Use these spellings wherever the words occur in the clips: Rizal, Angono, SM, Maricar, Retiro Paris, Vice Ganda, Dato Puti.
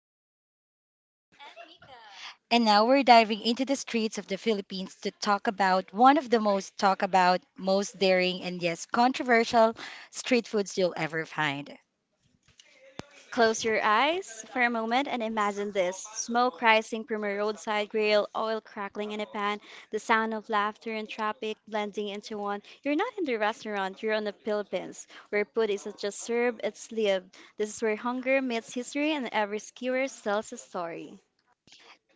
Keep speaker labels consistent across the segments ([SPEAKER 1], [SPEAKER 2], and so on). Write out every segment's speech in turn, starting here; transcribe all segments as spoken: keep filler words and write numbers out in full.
[SPEAKER 1] with Maricar. And now we're diving into the streets of the Philippines to talk about one of the most talk about, most daring, and yes, controversial street foods you'll ever find.
[SPEAKER 2] Close your eyes for a moment and imagine this smoke rising from a roadside grill, oil crackling in a pan, the sound of laughter and traffic blending into one. You're not in the restaurant, you're on the Philippines, where food isn't just served, it's lived. This is where hunger meets history and every skewer tells a story.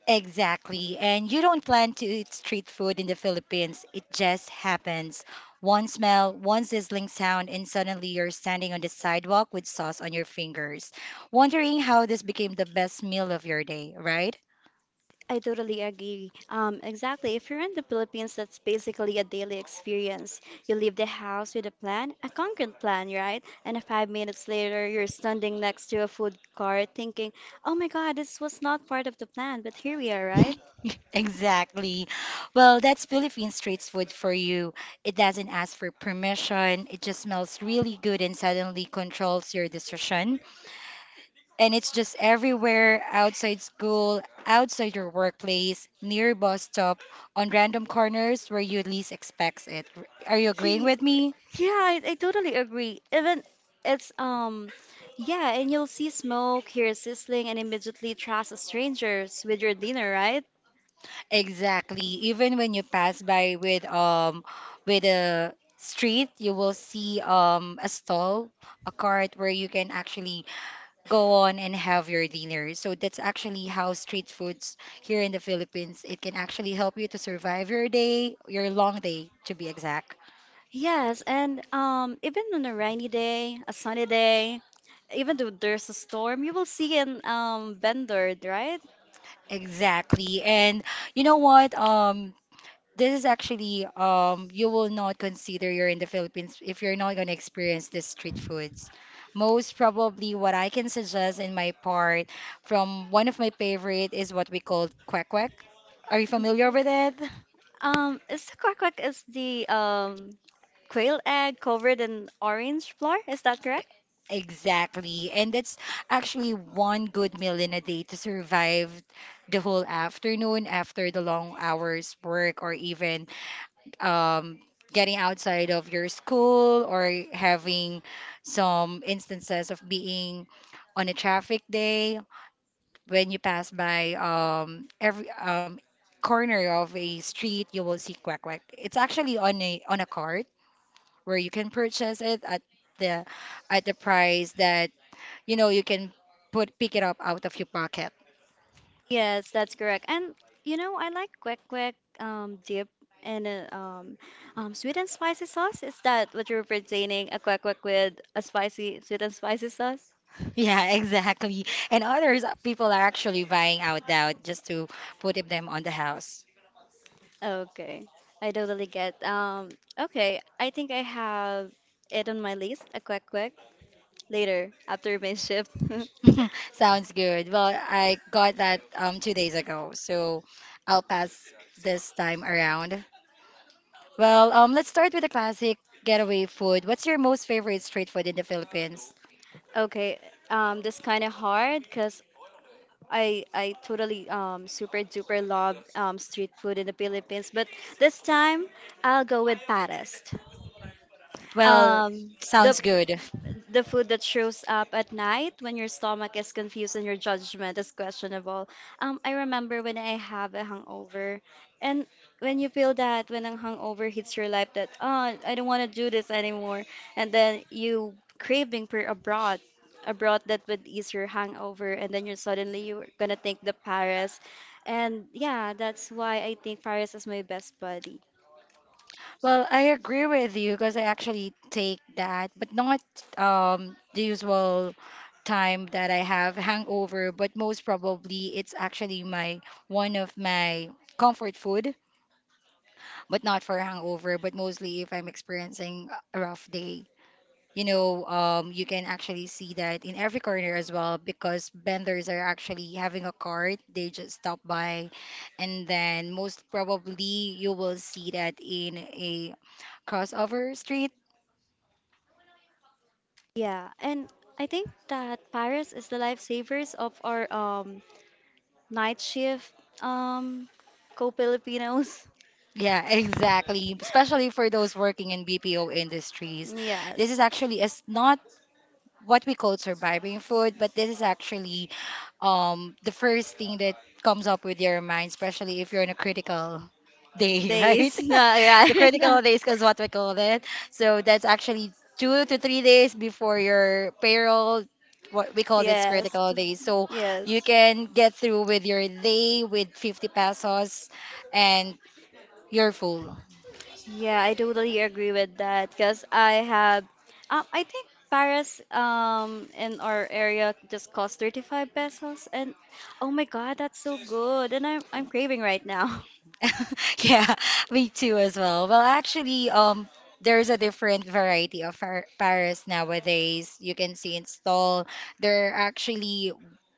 [SPEAKER 1] Exactly. And you don't plan to eat street food in the Philippines, it just happens. One smell, one sizzling sound, and suddenly you're standing on the sidewalk with sauce on your fingers, wondering how this became the best meal of your day, right?
[SPEAKER 2] I totally agree. Um, exactly. If you're in the Philippines, that's basically a daily experience. You leave the house with a plan, a concrete plan, right? And five minutes later, you're standing next to a food cart thinking, oh my God, this was not part of the plan, but here we are, right?
[SPEAKER 1] Exactly. Well, that's Philippine street food for you. It doesn't ask for permission. It just smells really good and suddenly controls your decision. And it's just everywhere, outside school, outside your workplace, near bus stop, on random corners where you least expects it. Are you agreeing
[SPEAKER 2] Ye-
[SPEAKER 1] with me?
[SPEAKER 2] Yeah, I, I totally agree. Even it's, um, yeah, and you'll see smoke, hear sizzling, and immediately trust strangers with your dinner, right?
[SPEAKER 1] Exactly. Even when you pass by with um with a street, you will see um a stall, a cart where you can actually go on and have your dinner. So that's actually how street foods here in the Philippines, it can actually help you to survive your day, your long day to be exact.
[SPEAKER 2] Yes, and um, even on a rainy day, a sunny day, even though there's a storm, you will see an um, vendor, right?
[SPEAKER 1] Exactly. And you know what? Um, this is actually um you will not consider you're in the Philippines if you're not gonna experience the street foods. Most probably what I can suggest in my part from one of my favorite is what we call kwek kwek. Are you familiar with it?
[SPEAKER 2] Um, is the quack quack is the um, quail egg covered in orange flour? Is that correct?
[SPEAKER 1] Exactly. And that's actually one good meal in a day to survive the whole afternoon after the long hours work or even um, getting outside of your school or having some instances of being on a traffic day when you pass by um, every um, corner of a street you will see quack quack. It's actually on a on a cart where you can purchase it at the at the price that you know, you can put pick it up out of your pocket.
[SPEAKER 2] Yes, that's correct. And you know, I like quack quack um, dip and uh, um, um, sweet and spicy sauce. Is that what you're pertaining? A quack quack with a spicy, sweet and spicy sauce?
[SPEAKER 1] Yeah, exactly. And others, uh, people are actually buying out now just to put them on the house.
[SPEAKER 2] Okay, I totally get. Um, okay, I think I have it on my list. A quick, quick later after my shift.
[SPEAKER 1] Sounds good. Well, I got that um two days ago, so I'll pass this time around. Well, um, let's start with the classic getaway food. What's your most favorite street food in the Philippines?
[SPEAKER 2] Okay, um, that's kind of hard because I I totally um super duper love um street food in the Philippines, but this time I'll go with Paris.
[SPEAKER 1] Well,
[SPEAKER 2] Um, the
[SPEAKER 1] sounds good.
[SPEAKER 2] the food that shows up at night when your stomach is confused and your judgment is questionable. Um, I remember when I have a hangover, and when you feel that when a hangover hits your life, that oh, I don't want to do this anymore, and then you craving for abroad, abroad that would ease your hangover, and then you suddenly you're gonna think the Paris, and yeah, that's why I think Paris is my best buddy.
[SPEAKER 1] Well, I agree with you because I actually take that, but not um, the usual time that I have hangover, but most probably it's actually my one of my comfort food, but not for hangover, but mostly if I'm experiencing a rough day you know, um, You can actually see that in every corner as well because vendors are actually having a cart. They just stop by, and then most probably you will see that in a crossover street.
[SPEAKER 2] Yeah, and I think that Paris is the lifesavers of our um night shift, um, co-Filipinos.
[SPEAKER 1] Yeah, exactly. Especially for those working in B P O industries. This
[SPEAKER 2] Yes.
[SPEAKER 1] is actually as not what we call surviving food, but this is actually um the first thing that comes up with your mind, especially if you're in a critical day, right?
[SPEAKER 2] Days, no,
[SPEAKER 1] The
[SPEAKER 2] right?
[SPEAKER 1] critical days is what we call it. So that's actually two to three days before your payroll. What we call this
[SPEAKER 2] Yes.
[SPEAKER 1] critical days. So
[SPEAKER 2] Yes.
[SPEAKER 1] you can get through with your day with fifty pesos and you're full.
[SPEAKER 2] Yeah, I totally agree with that because I have, um, I think Paris um in our area just cost thirty-five pesos and oh my God, that's so good and I'm I'm craving right now.
[SPEAKER 1] Yeah, me too as well. Well, actually, um, there's a different variety of far Paris nowadays. You can see in stall. There are actually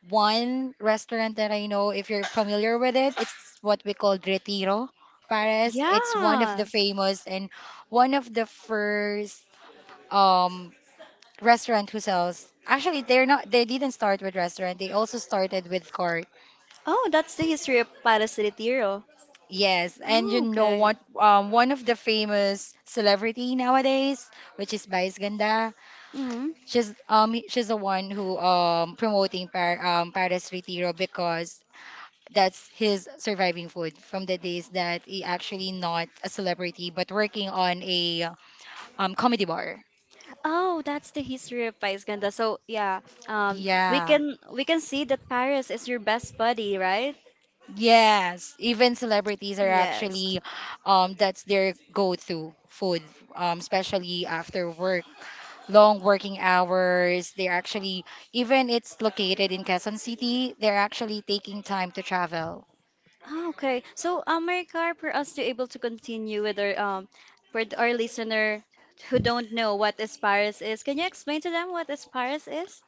[SPEAKER 1] one restaurant that I know, if you're familiar with it, it's what we call Retiro Paris. It's one of
[SPEAKER 2] Yeah.
[SPEAKER 1] the famous and one of the first um restaurant who sells. Actually, they're not. They didn't start with restaurant. They also started with cart.
[SPEAKER 2] Oh, that's the history of Paris Retiro.
[SPEAKER 1] Yes, and
[SPEAKER 2] Oh,
[SPEAKER 1] you know
[SPEAKER 2] okay.
[SPEAKER 1] what? Um, one of the famous celebrity nowadays, which is Vice Ganda,
[SPEAKER 2] Hmm.
[SPEAKER 1] she's um she's the one who um promoting par um Paris Retiro because that's his surviving food from the days that he actually not a celebrity but working on a um comedy bar.
[SPEAKER 2] Oh, that's the history of Paris Ganda. So yeah, um, we
[SPEAKER 1] Yeah.
[SPEAKER 2] can we can see that Paris is your best buddy, right?
[SPEAKER 1] Yes, even celebrities are
[SPEAKER 2] Yes.
[SPEAKER 1] actually, um, that's their go-to food, um, especially after work, long working hours. They're actually, even it's located in Quezon City, they're actually taking time to travel.
[SPEAKER 2] Oh, okay. So, um, Maricar, for us to able to continue with our um, for th- our listener who don't know what is Paris is, can you explain to them what is Paris is?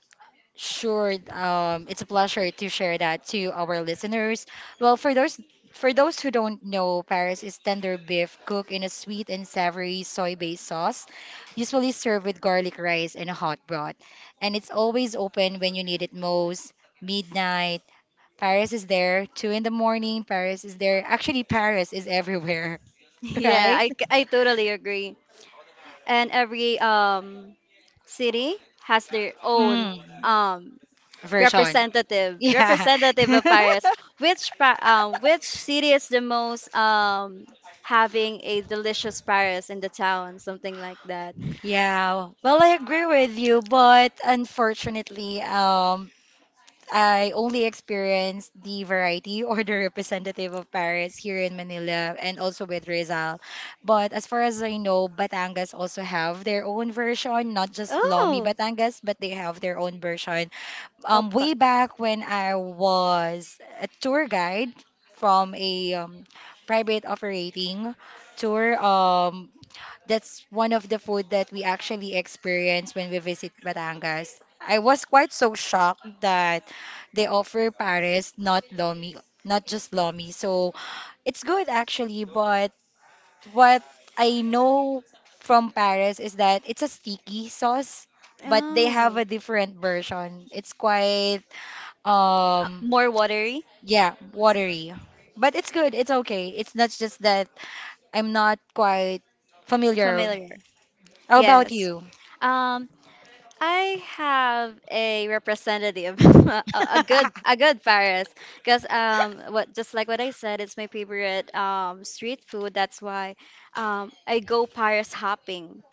[SPEAKER 1] Sure, um, it's a pleasure to share that to our listeners. Well, for those for those who don't know, Paris is tender beef cooked in a sweet and savory soy-based sauce, usually served with garlic rice and a hot broth. And it's always open when you need it most, midnight. Paris is there, two in the morning, Paris is there. Actually, Paris is everywhere,
[SPEAKER 2] Yeah,
[SPEAKER 1] right?
[SPEAKER 2] I, c- I totally agree. And every um city has their own
[SPEAKER 1] Mm,
[SPEAKER 2] um
[SPEAKER 1] version.
[SPEAKER 2] representative
[SPEAKER 1] Yeah.
[SPEAKER 2] representative of Paris. Which pa- um which city is the most um having a delicious Paris in the town, something like that.
[SPEAKER 1] Yeah, well, I agree with you, but unfortunately, um, I only experienced the variety or the representative of Paris here in Manila and also with Rizal. But as far as I know, Batangas also have their own version, not just Lomi
[SPEAKER 2] Oh,
[SPEAKER 1] Batangas, but they have their own version. Um,
[SPEAKER 2] opa.
[SPEAKER 1] way back when I was a tour guide from a um, private operating tour. Um, that's one of the food that we actually experience when we visit Batangas. I was quite so shocked that they offer pares, not lomi, not just lomi. So it's good actually, but what I know from Paris is that it's a sticky sauce, but they have
[SPEAKER 2] Oh.
[SPEAKER 1] a different version. It's quite
[SPEAKER 2] Uh,
[SPEAKER 1] um
[SPEAKER 2] more watery,
[SPEAKER 1] yeah, watery. But it's good. It's okay. It's not just that I'm not quite familiar.
[SPEAKER 2] familiar.
[SPEAKER 1] How about
[SPEAKER 2] Yes.
[SPEAKER 1] you?
[SPEAKER 2] Um, I have a representative, a, a good a good Paris, because um, what just like what I said, it's my favorite um street food. That's why um I go Paris hopping.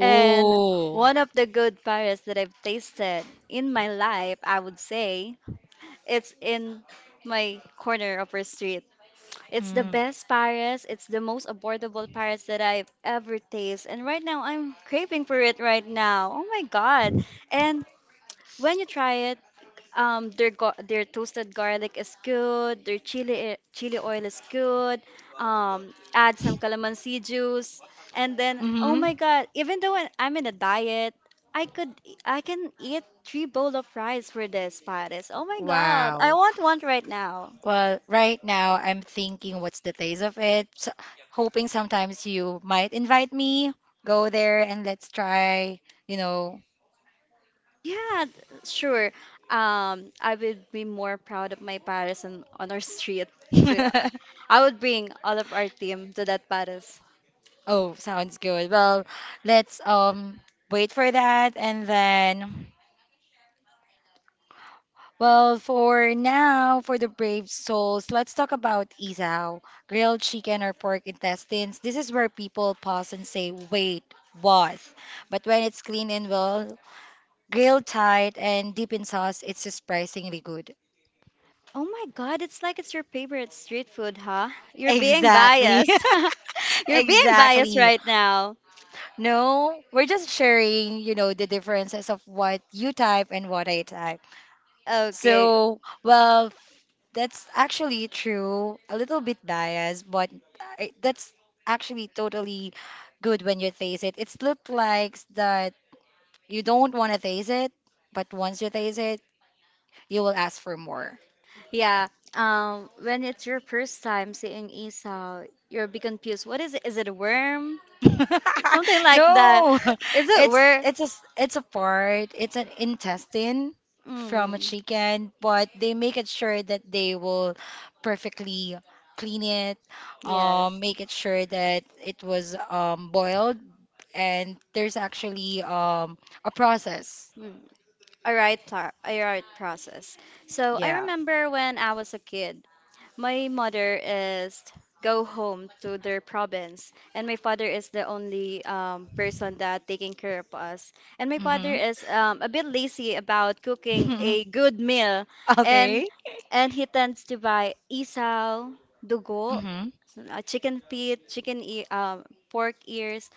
[SPEAKER 2] And one of the good Paris that I've tasted in my life, I would say, it's in my corner of our street. It's the
[SPEAKER 1] Mm.
[SPEAKER 2] best Paris. It's the most affordable Paris that I've ever tasted. And right now, I'm craving for it right now. Oh my God. And when you try it, um, their gar their toasted garlic is good. Their chili eh, chili oil is good. Um, add some calamansi juice. And then, oh
[SPEAKER 1] Mm-hmm.
[SPEAKER 2] my God, even though I- I'm in a diet, I could I can eat three bowl of rice for this Paris. Oh my God,
[SPEAKER 1] Wow.
[SPEAKER 2] I want one right now.
[SPEAKER 1] Well, right now I'm thinking what's the taste of it. S- hoping sometimes you might invite me, go there and let's try, you know,
[SPEAKER 2] Yeah, th- sure. Um, I would be more proud of my Paris on, on our street. So I would bring all of our team to that Paris.
[SPEAKER 1] Oh, sounds good. Well, let's um wait for that, and then, well, for now, for the brave souls, let's talk about isaw, grilled chicken or pork intestines. This is where people pause and say, "Wait, what?" But when it's clean and well grilled tight and deep in sauce, it's surprisingly good.
[SPEAKER 2] Oh my God, it's like it's your favorite street food, huh? You're being
[SPEAKER 1] Exactly.
[SPEAKER 2] biased. You're being biased
[SPEAKER 1] Exactly.
[SPEAKER 2] right now.
[SPEAKER 1] No, we're just sharing, you know, the differences of what you type and what I type.
[SPEAKER 2] Okay.
[SPEAKER 1] So, well, that's actually true. A little bit biased, but I, that's actually totally good when you taste it. It's look like that you don't want to taste it, but once you taste it, you will ask for more.
[SPEAKER 2] Yeah. Um, when it's your first time seeing Esau, you'll be confused. What is it? Is it a worm? Something like that.
[SPEAKER 1] No,
[SPEAKER 2] Is it
[SPEAKER 1] it's
[SPEAKER 2] worm?
[SPEAKER 1] it's a s- it's a part. It's an intestine from a
[SPEAKER 2] Mm.
[SPEAKER 1] chicken, but they make it sure that they will perfectly clean it,
[SPEAKER 2] Yes.
[SPEAKER 1] um, make it sure that it was um boiled, and there's actually um a process.
[SPEAKER 2] Mm. All right, tar- a right process. So I
[SPEAKER 1] Yeah.
[SPEAKER 2] remember when I was a kid, my mother is go home to their province, and my father is the only um, person that taking care of us. And my father
[SPEAKER 1] Mm-hmm.
[SPEAKER 2] is um, a bit lazy about cooking a good meal, and
[SPEAKER 1] Okay.
[SPEAKER 2] and he tends to buy isaw, dugo,
[SPEAKER 1] Mm-hmm.
[SPEAKER 2] uh, chicken feet, chicken e um, pork ears,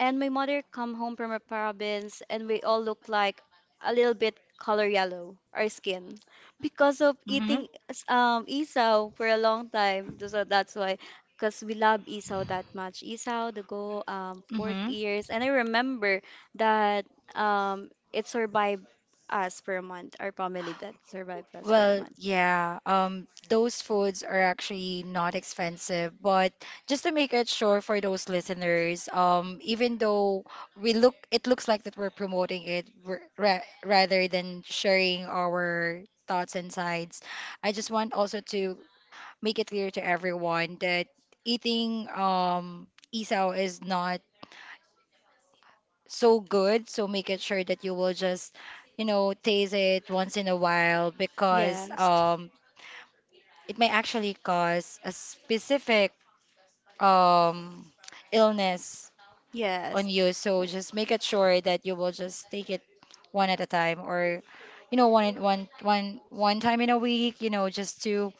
[SPEAKER 2] and my mother come home from a province and we all look like a little bit color yellow our skin because of
[SPEAKER 1] Mm-hmm.
[SPEAKER 2] eating um isaw for a long time so so that's why because we love isaw that much isaw the go um pork
[SPEAKER 1] Mm-hmm.
[SPEAKER 2] ears and I remember that um it survived us for a month our family that survived us for a
[SPEAKER 1] Well,
[SPEAKER 2] month
[SPEAKER 1] yeah, um, those foods are actually not expensive, but just to make it sure for those listeners, um, even though we look, it looks like that we're promoting it r- ra rather than sharing our thoughts and sides. I just want also to make it clear to everyone that eating um isaw is not so good. So make it sure that you will just, you know, taste it once in a while because
[SPEAKER 2] yes
[SPEAKER 1] um, it may actually cause a specific um, illness
[SPEAKER 2] yes.
[SPEAKER 1] on you. So
[SPEAKER 2] Yes.
[SPEAKER 1] just make it sure that you will just take it one at a time or you know one one one one time in a week, you know, just to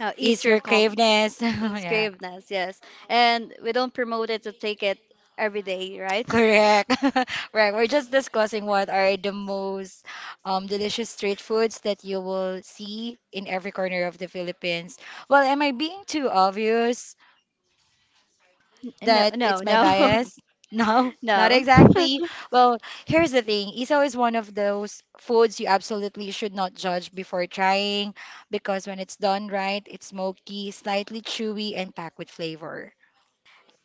[SPEAKER 2] Uh,
[SPEAKER 1] ease
[SPEAKER 2] easier
[SPEAKER 1] your
[SPEAKER 2] com
[SPEAKER 1] caveness.
[SPEAKER 2] yes,
[SPEAKER 1] Yeah.
[SPEAKER 2] graveness, yes. And we don't promote it to take it every day, right?
[SPEAKER 1] Correct. Right. We're just discussing what are the most um, delicious street foods that you will see in every corner of the Philippines. Well, am I being too obvious
[SPEAKER 2] No,
[SPEAKER 1] that
[SPEAKER 2] no,
[SPEAKER 1] it's my
[SPEAKER 2] no,
[SPEAKER 1] bias? No, not
[SPEAKER 2] no.
[SPEAKER 1] exactly. Well, here's the thing. Isaw is one of those foods you absolutely should not judge before trying because when it's done right, it's smoky, slightly chewy, and packed with flavor.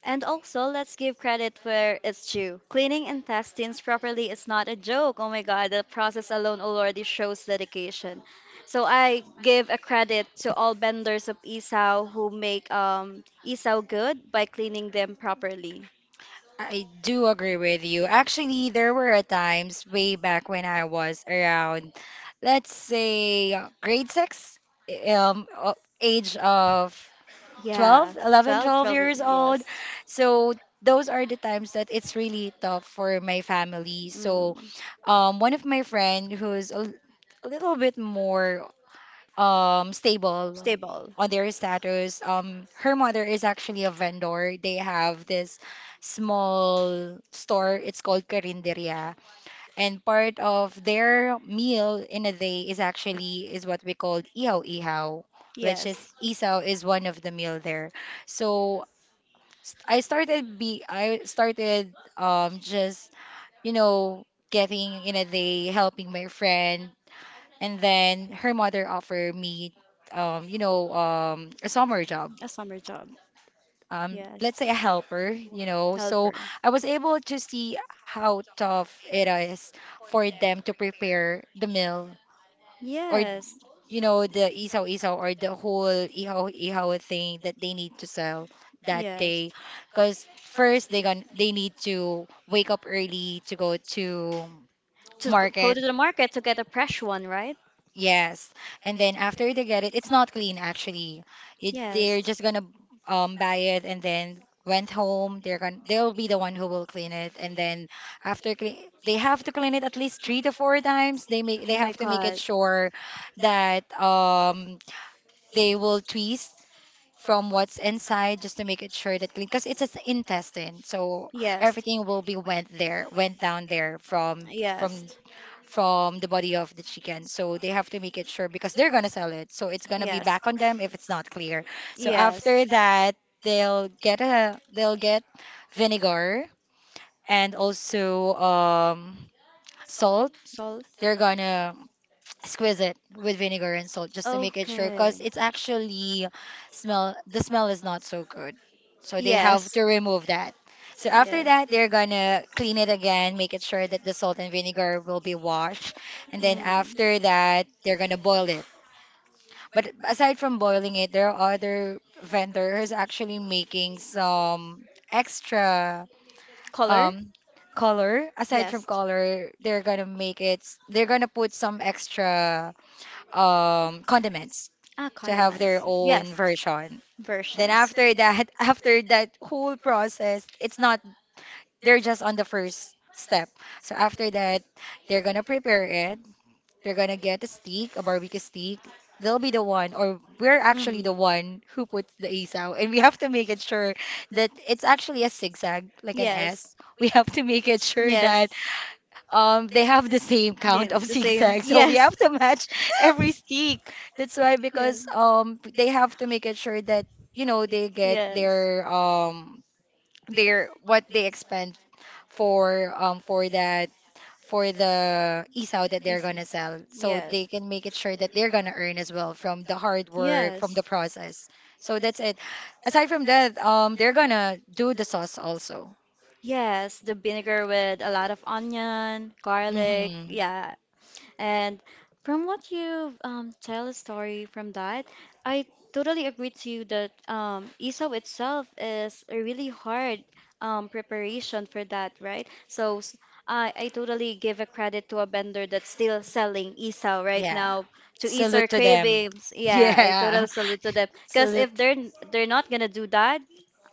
[SPEAKER 2] And also, let's give credit where it's due. Cleaning intestines properly is not a joke. Oh my God, the process alone already shows dedication. So I give a credit to all vendors of isaw who make um, isaw good by cleaning them properly.
[SPEAKER 1] I do agree with you. Actually, there were times way back when I was around, let's say, uh, grade six, um, uh, age of
[SPEAKER 2] Yeah,
[SPEAKER 1] twelve, eleven,
[SPEAKER 2] twelve,
[SPEAKER 1] twelve
[SPEAKER 2] twelve,
[SPEAKER 1] years old.
[SPEAKER 2] yes.
[SPEAKER 1] So those are the times that it's really tough for my family. So,
[SPEAKER 2] Mm.
[SPEAKER 1] um, one of my friend who's a, l- a little bit more um stable
[SPEAKER 2] Stable.
[SPEAKER 1] on their status. Um, her mother is actually a vendor. They have this small store. It's called Carinderia, and part of their meal in a day is actually is what we call ihaw ihaw, which is
[SPEAKER 2] Yes.
[SPEAKER 1] isaw is one of the meal there. So st- I started be I started um just you know getting in a day helping my friend, and then her mother offered me, um, you know, um, a summer job.
[SPEAKER 2] A summer job.
[SPEAKER 1] Um,
[SPEAKER 2] Yes.
[SPEAKER 1] let's say a helper, you know. So
[SPEAKER 2] Helper.
[SPEAKER 1] I was able to see how tough it is for them to prepare the meal, or
[SPEAKER 2] Yes.
[SPEAKER 1] you know the isaw isaw or the whole ihaw ihaw thing that they need to sell that
[SPEAKER 2] Yes.
[SPEAKER 1] day, because first they gonna they need to wake up early to go to
[SPEAKER 2] To g- go
[SPEAKER 1] market.
[SPEAKER 2] to the market to get a fresh one, right?
[SPEAKER 1] Yes. And then after they get it, it's not clean actually. It,
[SPEAKER 2] Yes.
[SPEAKER 1] they're just gonna um buy it and then went home. They're gonna they'll be the one who will clean it. And then after clean, they have to clean it at least three to four times. They make they
[SPEAKER 2] Oh my
[SPEAKER 1] have to make it
[SPEAKER 2] God.
[SPEAKER 1] sure that um they will twist from what's inside just to make it sure that clean because it's an intestine. So
[SPEAKER 2] Yes.
[SPEAKER 1] everything will be went there, went down there from from
[SPEAKER 2] Yes.
[SPEAKER 1] from the body of the chicken. So they have to make it sure because they're gonna sell it. So it's gonna be
[SPEAKER 2] Yes.
[SPEAKER 1] back on them if it's not clear. So
[SPEAKER 2] Yes.
[SPEAKER 1] after that, they'll get a they'll get vinegar and also um, salt.
[SPEAKER 2] Salt.
[SPEAKER 1] They're gonna squeeze it with vinegar and salt just to make it sure because
[SPEAKER 2] Okay.
[SPEAKER 1] it's actually smell the smell is not so good, so they have
[SPEAKER 2] Yes.
[SPEAKER 1] to remove that. So after
[SPEAKER 2] Yes.
[SPEAKER 1] that, they're gonna clean it again, make it sure that the salt and vinegar will be washed, and then
[SPEAKER 2] Mm.
[SPEAKER 1] after that they're gonna boil it. But aside from boiling it, there are other vendors actually making some extra
[SPEAKER 2] Color?
[SPEAKER 1] um color. Aside from
[SPEAKER 2] Yes.
[SPEAKER 1] color, they're gonna make it they're gonna put some extra um condiments
[SPEAKER 2] Ah,
[SPEAKER 1] to have their
[SPEAKER 2] condiments. Yes.
[SPEAKER 1] own version. Then
[SPEAKER 2] Versions.
[SPEAKER 1] after that, after that whole process, it's not, they're just on the first step. So after that, they're gonna prepare it. They're gonna get a steak, a barbecue steak. They'll be the one, or we're actually
[SPEAKER 2] Mm.
[SPEAKER 1] the one who puts the asaw, and we have to make it sure that it's actually a zigzag, like an
[SPEAKER 2] Yes.
[SPEAKER 1] S. We have to make it sure
[SPEAKER 2] Yes.
[SPEAKER 1] that um they have the same
[SPEAKER 2] Yeah,
[SPEAKER 1] count of
[SPEAKER 2] the same.
[SPEAKER 1] zigzags, so we
[SPEAKER 2] Yes.
[SPEAKER 1] have to match every stick. That's why,
[SPEAKER 2] Yes.
[SPEAKER 1] because um they have to make it sure that you know they get
[SPEAKER 2] Yes.
[SPEAKER 1] their um their what they expend for um for that for the isaw that they're
[SPEAKER 2] Isn't?
[SPEAKER 1] gonna sell, so
[SPEAKER 2] Yes.
[SPEAKER 1] they can make it sure that they're gonna earn as well from the hard work, from
[SPEAKER 2] Yes.
[SPEAKER 1] the process. So that's it. Aside from that, um they're gonna do the sauce also.
[SPEAKER 2] Yes, the vinegar with a lot of onion, garlic.
[SPEAKER 1] Mm-hmm.
[SPEAKER 2] Yeah, and from what you've um, tell a story from that, I totally agree to you that um, E S O P itself is a really hard um, preparation for that, right? So s- I, I totally give a credit to a vendor that's still selling E S O P right
[SPEAKER 1] Yeah.
[SPEAKER 2] now to ease our
[SPEAKER 1] Salute to them.
[SPEAKER 2] cravings. Yeah, I totally
[SPEAKER 1] Yeah.
[SPEAKER 2] salute to them because
[SPEAKER 1] Salute.
[SPEAKER 2] if they're n- they're not gonna do that,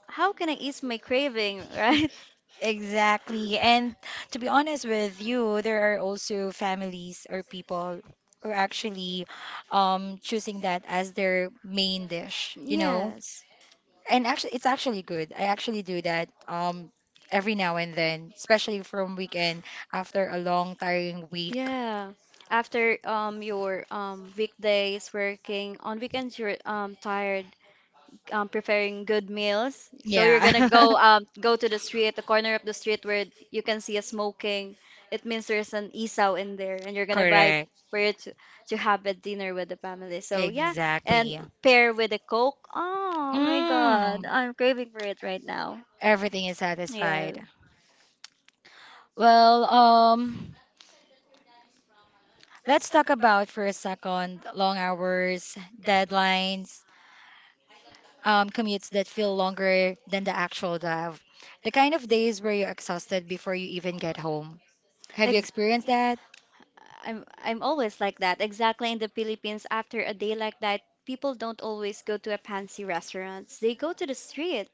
[SPEAKER 2] how can I ease my craving, right?
[SPEAKER 1] Exactly. And to be honest with you, there are also families or people who are actually um, choosing that as their main dish, you know?
[SPEAKER 2] Yes.
[SPEAKER 1] And actually, it's actually good. I actually do that um, every now and then, especially from weekend after a long, tiring week.
[SPEAKER 2] Yeah. After um your um weekdays working on weekends you're um tired um preparing good meals. So you're
[SPEAKER 1] Yeah.
[SPEAKER 2] gonna go um go to the street, the corner of the street where you can see a smoking. It means there's an isaw in there and you're gonna buy
[SPEAKER 1] Correct.
[SPEAKER 2] for you to, to have a dinner with the family. So yeah, and
[SPEAKER 1] Exactly.
[SPEAKER 2] pair with a Coke. Oh my God,
[SPEAKER 1] Mm,
[SPEAKER 2] I'm craving for it right now.
[SPEAKER 1] Everything is
[SPEAKER 2] Yeah.
[SPEAKER 1] satisfied. Well, um, let's talk about for a second long hours, deadlines, um, commutes that feel longer than the actual drive. The kind of days where you're exhausted before you even get home. Have you
[SPEAKER 2] Ex-
[SPEAKER 1] experienced that?
[SPEAKER 2] I'm I'm always like that. Exactly in the Philippines, after a day like that, people don't always go to a fancy restaurants. They go to the street.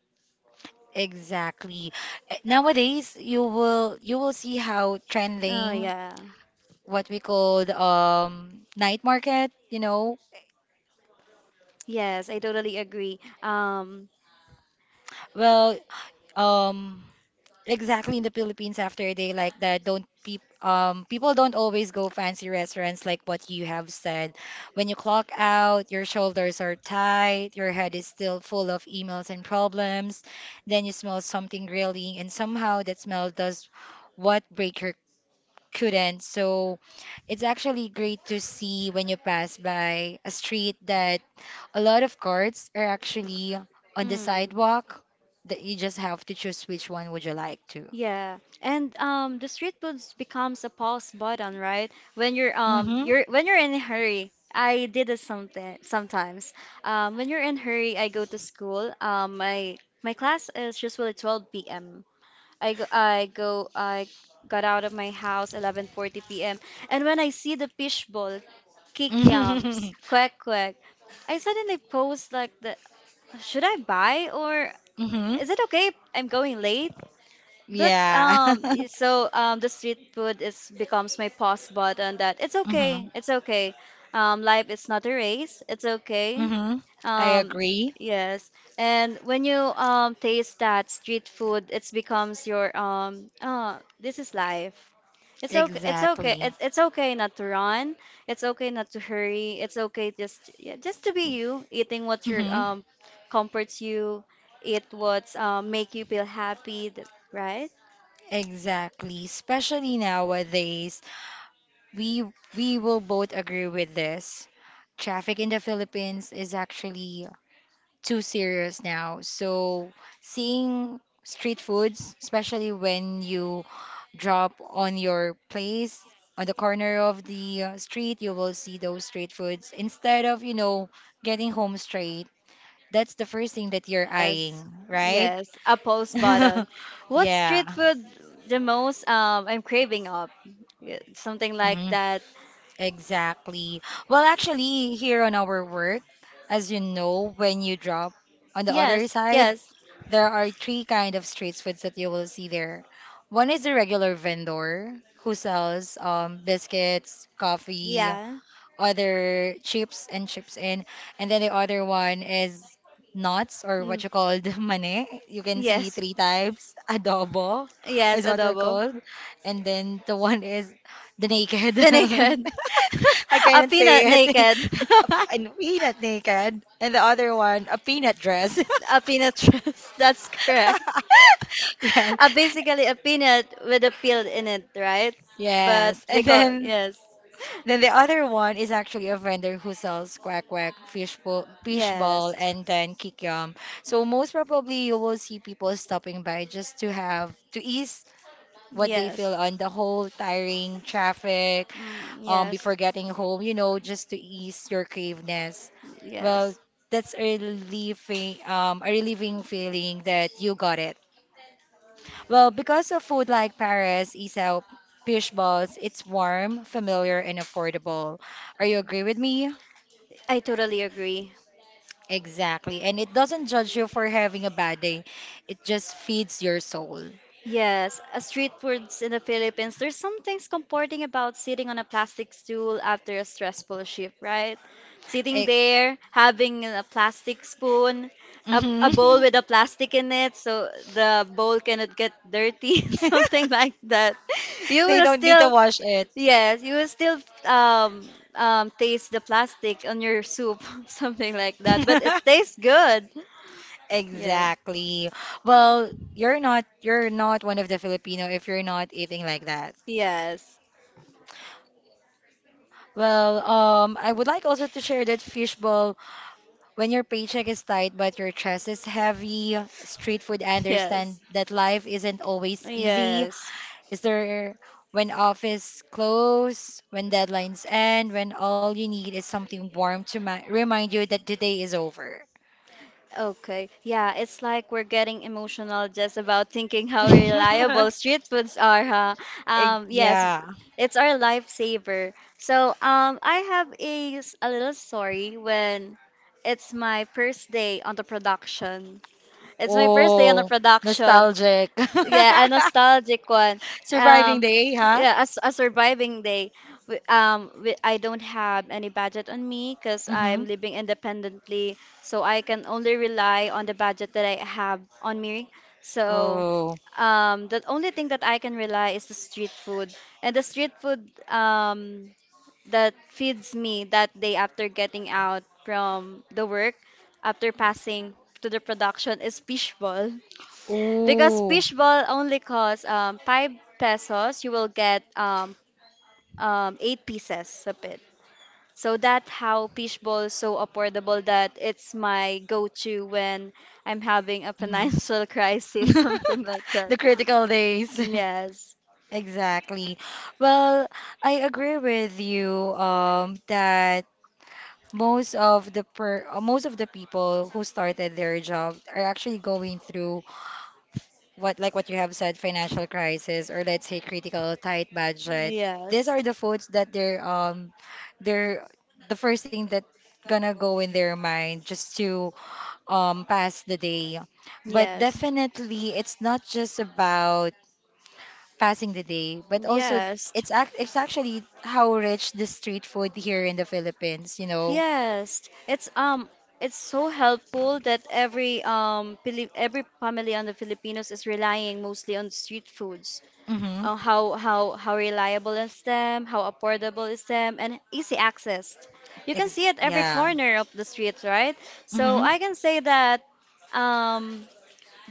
[SPEAKER 1] Exactly. Eh, Nowadays, you will you will see how
[SPEAKER 2] Oh
[SPEAKER 1] trending
[SPEAKER 2] yeah.
[SPEAKER 1] what we called um night market, you know,
[SPEAKER 2] Yes, I totally agree. Um,
[SPEAKER 1] Well, um, exactly in the Philippines after a day like that, don't peop um people don't always go fancy restaurants like what you have said. When you clock out, your shoulders are tight, your head is still full of emails and problems. Then you smell something grilling, and somehow that smell does what Breaker couldn't. So it's actually great to see when you pass by a street that a lot of carts are actually on the
[SPEAKER 2] hmm.
[SPEAKER 1] sidewalk that you just have to choose which one would you like to.
[SPEAKER 2] Yeah, and um, the street foods becomes a pause button, right? When you're um,
[SPEAKER 1] Mm-hmm.
[SPEAKER 2] you're when you're in a hurry. I did it something sometimes. Um, when you're in hurry, I go to school. Um, my my class is usually twelve p m. I go, I go I got out of my house eleven forty p m. And when I see the fishbowl,
[SPEAKER 1] Mm-hmm.
[SPEAKER 2] kikiams, quack quack, I suddenly post like the should I buy or is it okay if I'm going late? But
[SPEAKER 1] Yeah.
[SPEAKER 2] um,
[SPEAKER 1] Mm-hmm.
[SPEAKER 2] y- so um, the street food is becomes my pause button. That it's okay, it's okay. Um, life is not a race. It's okay.
[SPEAKER 1] Mm-hmm. I
[SPEAKER 2] Um,
[SPEAKER 1] agree.
[SPEAKER 2] yes. And when you um taste that street food, it becomes your um. Oh, this is life. It's okay. It's okay.
[SPEAKER 1] Exactly.
[SPEAKER 2] It's it's okay not to run. It's okay not to hurry. It's okay just yeah, just to be you, eating what your
[SPEAKER 1] Mm-hmm.
[SPEAKER 2] um comforts you, eat what um make you feel happy, th- right?
[SPEAKER 1] Exactly. Especially nowadays, We we will both agree with this. Traffic in the Philippines is actually too serious now. So seeing street foods, especially when you drop on your place on the corner of the uh, street, you will see those street foods instead of, you know, getting home straight. That's the first thing that you're
[SPEAKER 2] Yes,
[SPEAKER 1] eyeing, right?
[SPEAKER 2] yes, a post button. What
[SPEAKER 1] Yeah.
[SPEAKER 2] street food the most um I'm craving up? Yeah, something like
[SPEAKER 1] Hmm.
[SPEAKER 2] that.
[SPEAKER 1] Exactly. Well, actually, here on our work, as you know, when you drop on the other
[SPEAKER 2] Yes,
[SPEAKER 1] side,
[SPEAKER 2] yes,
[SPEAKER 1] there are three kind of street foods that you will see there. One is the regular vendor who sells um, biscuits, coffee,
[SPEAKER 2] yeah.
[SPEAKER 1] other chips and chips in. And then the other one is nuts, or
[SPEAKER 2] Mm.
[SPEAKER 1] what you call the mane. You can see
[SPEAKER 2] Yes,
[SPEAKER 1] three types. Adobo
[SPEAKER 2] yes,
[SPEAKER 1] is what they're
[SPEAKER 2] adobo.
[SPEAKER 1] called. And then the one is the naked.
[SPEAKER 2] The naked,
[SPEAKER 1] I
[SPEAKER 2] a
[SPEAKER 1] cannot
[SPEAKER 2] peanut
[SPEAKER 1] say it.
[SPEAKER 2] naked.
[SPEAKER 1] A peanut naked. And the other one, a peanut dress.
[SPEAKER 2] A peanut dress. That's correct.
[SPEAKER 1] Yeah.
[SPEAKER 2] Uh, basically a peanut with a peel in it, right? But
[SPEAKER 1] Yes.
[SPEAKER 2] we
[SPEAKER 1] And
[SPEAKER 2] call
[SPEAKER 1] then
[SPEAKER 2] yes,
[SPEAKER 1] Then the other one is actually a vendor who sells quack quack, fish bo- fish ball,
[SPEAKER 2] yes,
[SPEAKER 1] and then kikiam. So most probably you will see people stopping by just to have to ease what they
[SPEAKER 2] yes,
[SPEAKER 1] feel on the whole tiring traffic
[SPEAKER 2] mm,
[SPEAKER 1] um
[SPEAKER 2] yes,
[SPEAKER 1] before getting home, you know, just to ease your craveness. Well,
[SPEAKER 2] yes.
[SPEAKER 1] that's a relieving um a relieving feeling that you got it. Well, because of food like Paris, isaw, fish balls, it's warm, familiar, and affordable. Are you agree with me?
[SPEAKER 2] I totally agree.
[SPEAKER 1] Exactly. And it doesn't judge you for having a bad day. It just feeds your soul.
[SPEAKER 2] Yes, uh, street foods in the Philippines, there's something comforting about sitting on a plastic stool after a stressful shift, right? Sitting
[SPEAKER 1] Eh,
[SPEAKER 2] there, having a plastic spoon, a, a bowl
[SPEAKER 1] mhm.
[SPEAKER 2] with a plastic in it, so the bowl cannot get dirty, something like that. You
[SPEAKER 1] They
[SPEAKER 2] will
[SPEAKER 1] don't need to
[SPEAKER 2] still,
[SPEAKER 1] wash it.
[SPEAKER 2] yes, you will still um, um, taste the plastic on your soup, something like that, but it tastes good. Yes,
[SPEAKER 1] Exactly. Well, you're not you're not one of the Filipino if you're not eating like that.
[SPEAKER 2] yes.
[SPEAKER 1] Well, um, I would like also to share that fishbowl, when your paycheck is tight but your chest is heavy, street food
[SPEAKER 2] Yes.
[SPEAKER 1] understand that life isn't always easy.
[SPEAKER 2] Yes.
[SPEAKER 1] Is there when office close, when deadlines end, when all you need is something warm to ma remind you that the day is over.
[SPEAKER 2] Okay. Yeah, it's like we're getting emotional just about thinking how reliable street foods are, huh?
[SPEAKER 1] Eh,
[SPEAKER 2] Um, yes,
[SPEAKER 1] yeah.
[SPEAKER 2] it's our lifesaver. So, um, I have a, s- a little story when it's my first day on the production. It's my first day on the
[SPEAKER 1] Oh,
[SPEAKER 2] production.
[SPEAKER 1] nostalgic.
[SPEAKER 2] Yeah, a nostalgic one.
[SPEAKER 1] Surviving
[SPEAKER 2] Um,
[SPEAKER 1] day, huh?
[SPEAKER 2] yeah, a, s- a surviving day. We- Um, we, I don't have any budget on me because
[SPEAKER 1] Mm-hmm.
[SPEAKER 2] I'm living independently, so I can only rely on the budget that I have on me. So,
[SPEAKER 1] Oh.
[SPEAKER 2] um, the only thing that I can rely is the street food, and the street food um that feeds me that day after getting out from the work, after passing to the production is fishball. Because
[SPEAKER 1] Ooh.
[SPEAKER 2] fishball only costs um, five pesos, you will get um, um, eight pieces of it. So that's how fishball is so affordable that it's my go-to when I'm having a financial
[SPEAKER 1] Mhm.
[SPEAKER 2] crisis, something like that.
[SPEAKER 1] The critical days.
[SPEAKER 2] Yes.
[SPEAKER 1] Exactly. Well, I agree with you um that most of the per uh, most of the people who started their job are actually going through what like what you have said, financial crisis, or let's say critical tight budget. These are
[SPEAKER 2] Yes.
[SPEAKER 1] the foods that they're um they're the first thing that gonna go in their mind just to um pass the day. But
[SPEAKER 2] Yes.
[SPEAKER 1] definitely it's not just about passing the day, but also
[SPEAKER 2] Yes.
[SPEAKER 1] it's act it's actually how rich the street food here in the Philippines you know
[SPEAKER 2] Yes, it's um it's so helpful that every um Pili- every family on the Filipinos is relying mostly on street foods.
[SPEAKER 1] Mm-hmm.
[SPEAKER 2] Uh, how how how reliable is them, how affordable is them, and easy access. You can
[SPEAKER 1] Ex-
[SPEAKER 2] see it every
[SPEAKER 1] yeah.
[SPEAKER 2] corner of the streets, right? So
[SPEAKER 1] Hmm.
[SPEAKER 2] I can say that um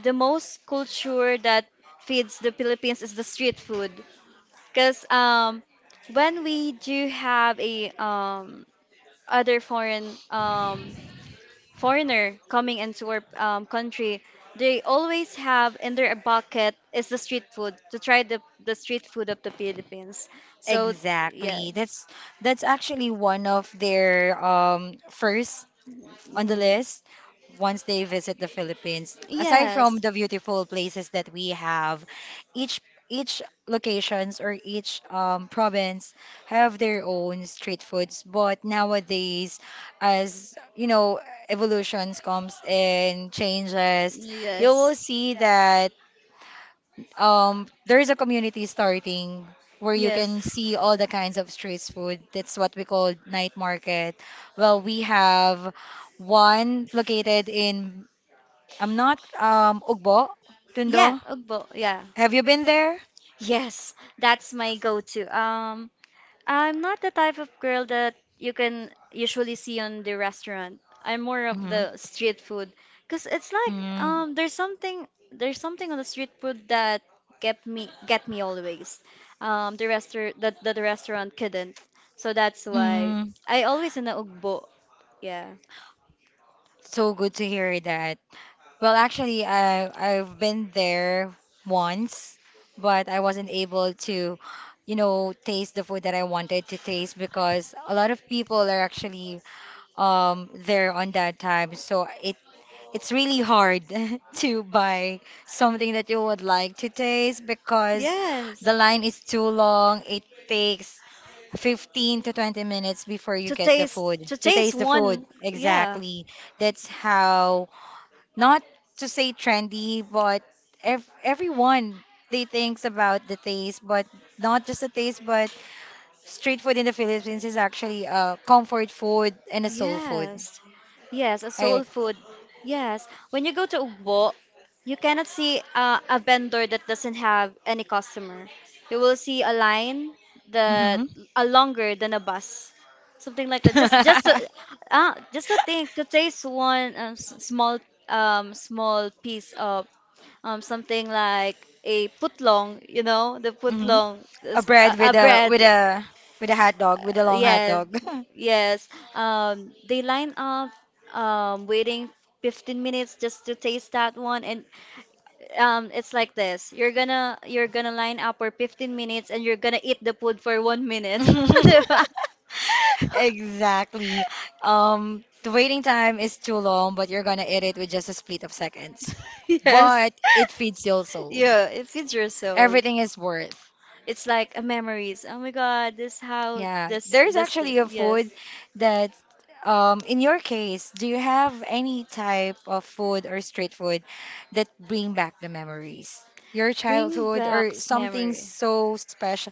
[SPEAKER 2] the most culture that feeds the Philippines is the street food, because um when we do have a um other foreign um, foreigner coming into our um, country, they always have in their bucket is the street food to try the, the street food of the Philippines. So yeah.
[SPEAKER 1] Exactly. That's that's actually one of their um first on the
[SPEAKER 2] Mm.
[SPEAKER 1] list once they visit the Philippines. Aside from
[SPEAKER 2] Yes,
[SPEAKER 1] the beautiful places that we have, each each locations or each um, province have their own street foods. But nowadays, as you know, evolutions comes and changes, you will
[SPEAKER 2] yes,
[SPEAKER 1] see that. Um there is a community starting where you
[SPEAKER 2] yes.
[SPEAKER 1] can see all the kinds of street food. That's what we call night market. Well, we have one located in, I'm not um Ugbo,
[SPEAKER 2] Yeah,
[SPEAKER 1] Tundo.
[SPEAKER 2] Ugbo. Yeah.
[SPEAKER 1] Have you been there?
[SPEAKER 2] Yes, that's my go-to. Um, I'm not the type of girl that you can usually see on the restaurant. I'm more of
[SPEAKER 1] Hmm.
[SPEAKER 2] the street food because it's like
[SPEAKER 1] Mm-hmm.
[SPEAKER 2] um, there's something there's something on the street food that get me get me always. Um, the restaurant that, that the restaurant couldn't. So that's why
[SPEAKER 1] Mm-hmm.
[SPEAKER 2] I always in the ugbo. Yeah.
[SPEAKER 1] So good to hear that. Well, actually, I I've been there once, but I wasn't able to, you know, taste the food that I wanted to taste because a lot of people are actually um there on that time. So it it's really hard to buy something that you would like to taste because
[SPEAKER 2] Yes.
[SPEAKER 1] the line is too long. It takes fifteen to twenty minutes before you
[SPEAKER 2] To
[SPEAKER 1] get the
[SPEAKER 2] taste
[SPEAKER 1] food
[SPEAKER 2] to
[SPEAKER 1] to
[SPEAKER 2] taste
[SPEAKER 1] taste the food.
[SPEAKER 2] one. Yeah.
[SPEAKER 1] Exactly. That's how, not to say trendy, but ev- everyone they thinks about the taste, but not just the taste, but street food in the Philippines is actually a comfort food and a soul food.
[SPEAKER 2] Yes. Yes, a
[SPEAKER 1] I
[SPEAKER 2] soul food. Yes. When you go to Ugbo, you cannot see uh, a vendor that doesn't have any customer. You will see a line that
[SPEAKER 1] Mm-hmm.
[SPEAKER 2] a longer than a bus. Something like that. Just just to, uh, just to think to taste one um, s- small um small piece of um something like a putlong, you know, the
[SPEAKER 1] Hmm.
[SPEAKER 2] putlong,
[SPEAKER 1] A
[SPEAKER 2] is
[SPEAKER 1] bread
[SPEAKER 2] a, a
[SPEAKER 1] with a
[SPEAKER 2] bread.
[SPEAKER 1] with a with a hot dog, with a
[SPEAKER 2] uh,
[SPEAKER 1] long hot
[SPEAKER 2] yes,
[SPEAKER 1] dog.
[SPEAKER 2] yes. Um, they line up, um, waiting fifteen minutes just to taste that one, and um, it's like this. You're gonna you're gonna line up for fifteen minutes, and you're gonna eat the food for one minute, diba?
[SPEAKER 1] Exactly. Um, the waiting time is too long, but you're gonna eat it with just a split of seconds.
[SPEAKER 2] Yes.
[SPEAKER 1] But it feeds your soul.
[SPEAKER 2] Yeah, it feeds your soul.
[SPEAKER 1] Everything is worth.
[SPEAKER 2] It's like a memories. Oh my God, this how
[SPEAKER 1] Yeah.
[SPEAKER 2] this
[SPEAKER 1] There is
[SPEAKER 2] this
[SPEAKER 1] actually
[SPEAKER 2] thing.
[SPEAKER 1] a
[SPEAKER 2] Yes,
[SPEAKER 1] food that, um, in your case, do you have any type of food or street food that bring back the memories? Your
[SPEAKER 2] bring
[SPEAKER 1] childhood
[SPEAKER 2] back
[SPEAKER 1] or something
[SPEAKER 2] memory.
[SPEAKER 1] so special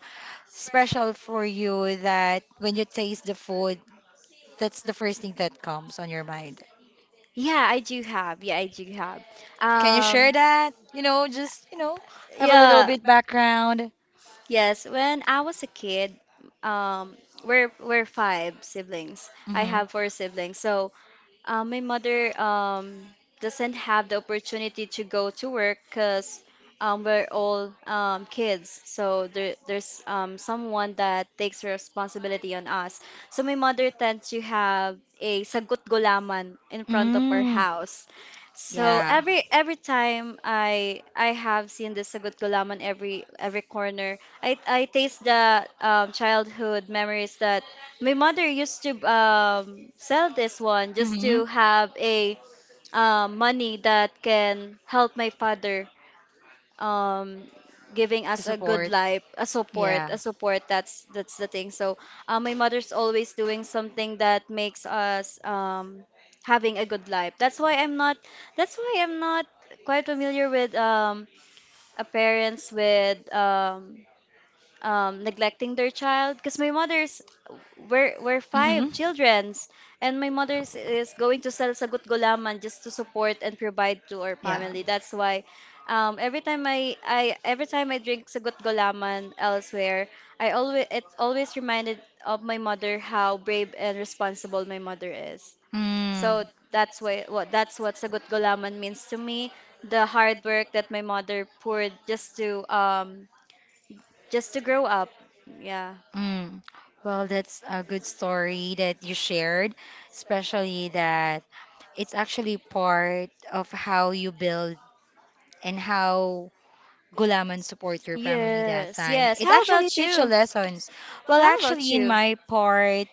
[SPEAKER 1] special for you that when you taste the food, that's the first thing that comes on your mind.
[SPEAKER 2] Yeah, I do have. Yeah, I do have.
[SPEAKER 1] Can you share
[SPEAKER 2] Um,
[SPEAKER 1] that? You know, just, you know, have a little
[SPEAKER 2] yeah.
[SPEAKER 1] bit background.
[SPEAKER 2] Yes, when I was a kid, um, we're we're five siblings. I
[SPEAKER 1] Mm-hmm.
[SPEAKER 2] have four siblings. So, uh, my mother um, doesn't have the opportunity to go to work because um, we're all um, kids. So there, there's um, someone that takes responsibility on us. So my mother tends to have a sagot gulaman in front of our
[SPEAKER 1] Mm,
[SPEAKER 2] house. So
[SPEAKER 1] yeah.
[SPEAKER 2] every every time I I have seen the sagot gulaman every every corner, I I taste the um, childhood memories that my mother used to um, sell this one just
[SPEAKER 1] Mm-hmm.
[SPEAKER 2] to have a uh, money that can help my father, um, giving
[SPEAKER 1] To
[SPEAKER 2] us a good
[SPEAKER 1] support.
[SPEAKER 2] life, a support,
[SPEAKER 1] Yeah.
[SPEAKER 2] a support. That's that's the thing. So uh, my mother's always doing something that makes us um, having a good life. That's why I'm not. That's why I'm not quite familiar with um, a parents with um, um, neglecting their child because my mother's we're, we're five
[SPEAKER 1] Mm-hmm.
[SPEAKER 2] childrens and my mother's is going to sell sagut gulaman just to support and provide to our
[SPEAKER 1] Yeah.
[SPEAKER 2] family, that's why um, every time I, I, every time I drink sagut gulaman elsewhere, I always it's always reminded of my mother, how brave and responsible my mother is.
[SPEAKER 1] Mm.
[SPEAKER 2] So that's why what that's what sagut gulaman means to me, the hard work that my mother poured just to um, just to grow up. Yeah.
[SPEAKER 1] Mm. Well, that's a good story that you shared, especially that it's actually part of how you build and how Gulaman support your family that
[SPEAKER 2] Yes,
[SPEAKER 1] time.
[SPEAKER 2] yes.
[SPEAKER 1] It
[SPEAKER 2] How
[SPEAKER 1] actually
[SPEAKER 2] about
[SPEAKER 1] teach you
[SPEAKER 2] you?
[SPEAKER 1] lessons. Well,
[SPEAKER 2] How about
[SPEAKER 1] actually, in
[SPEAKER 2] you?
[SPEAKER 1] my part,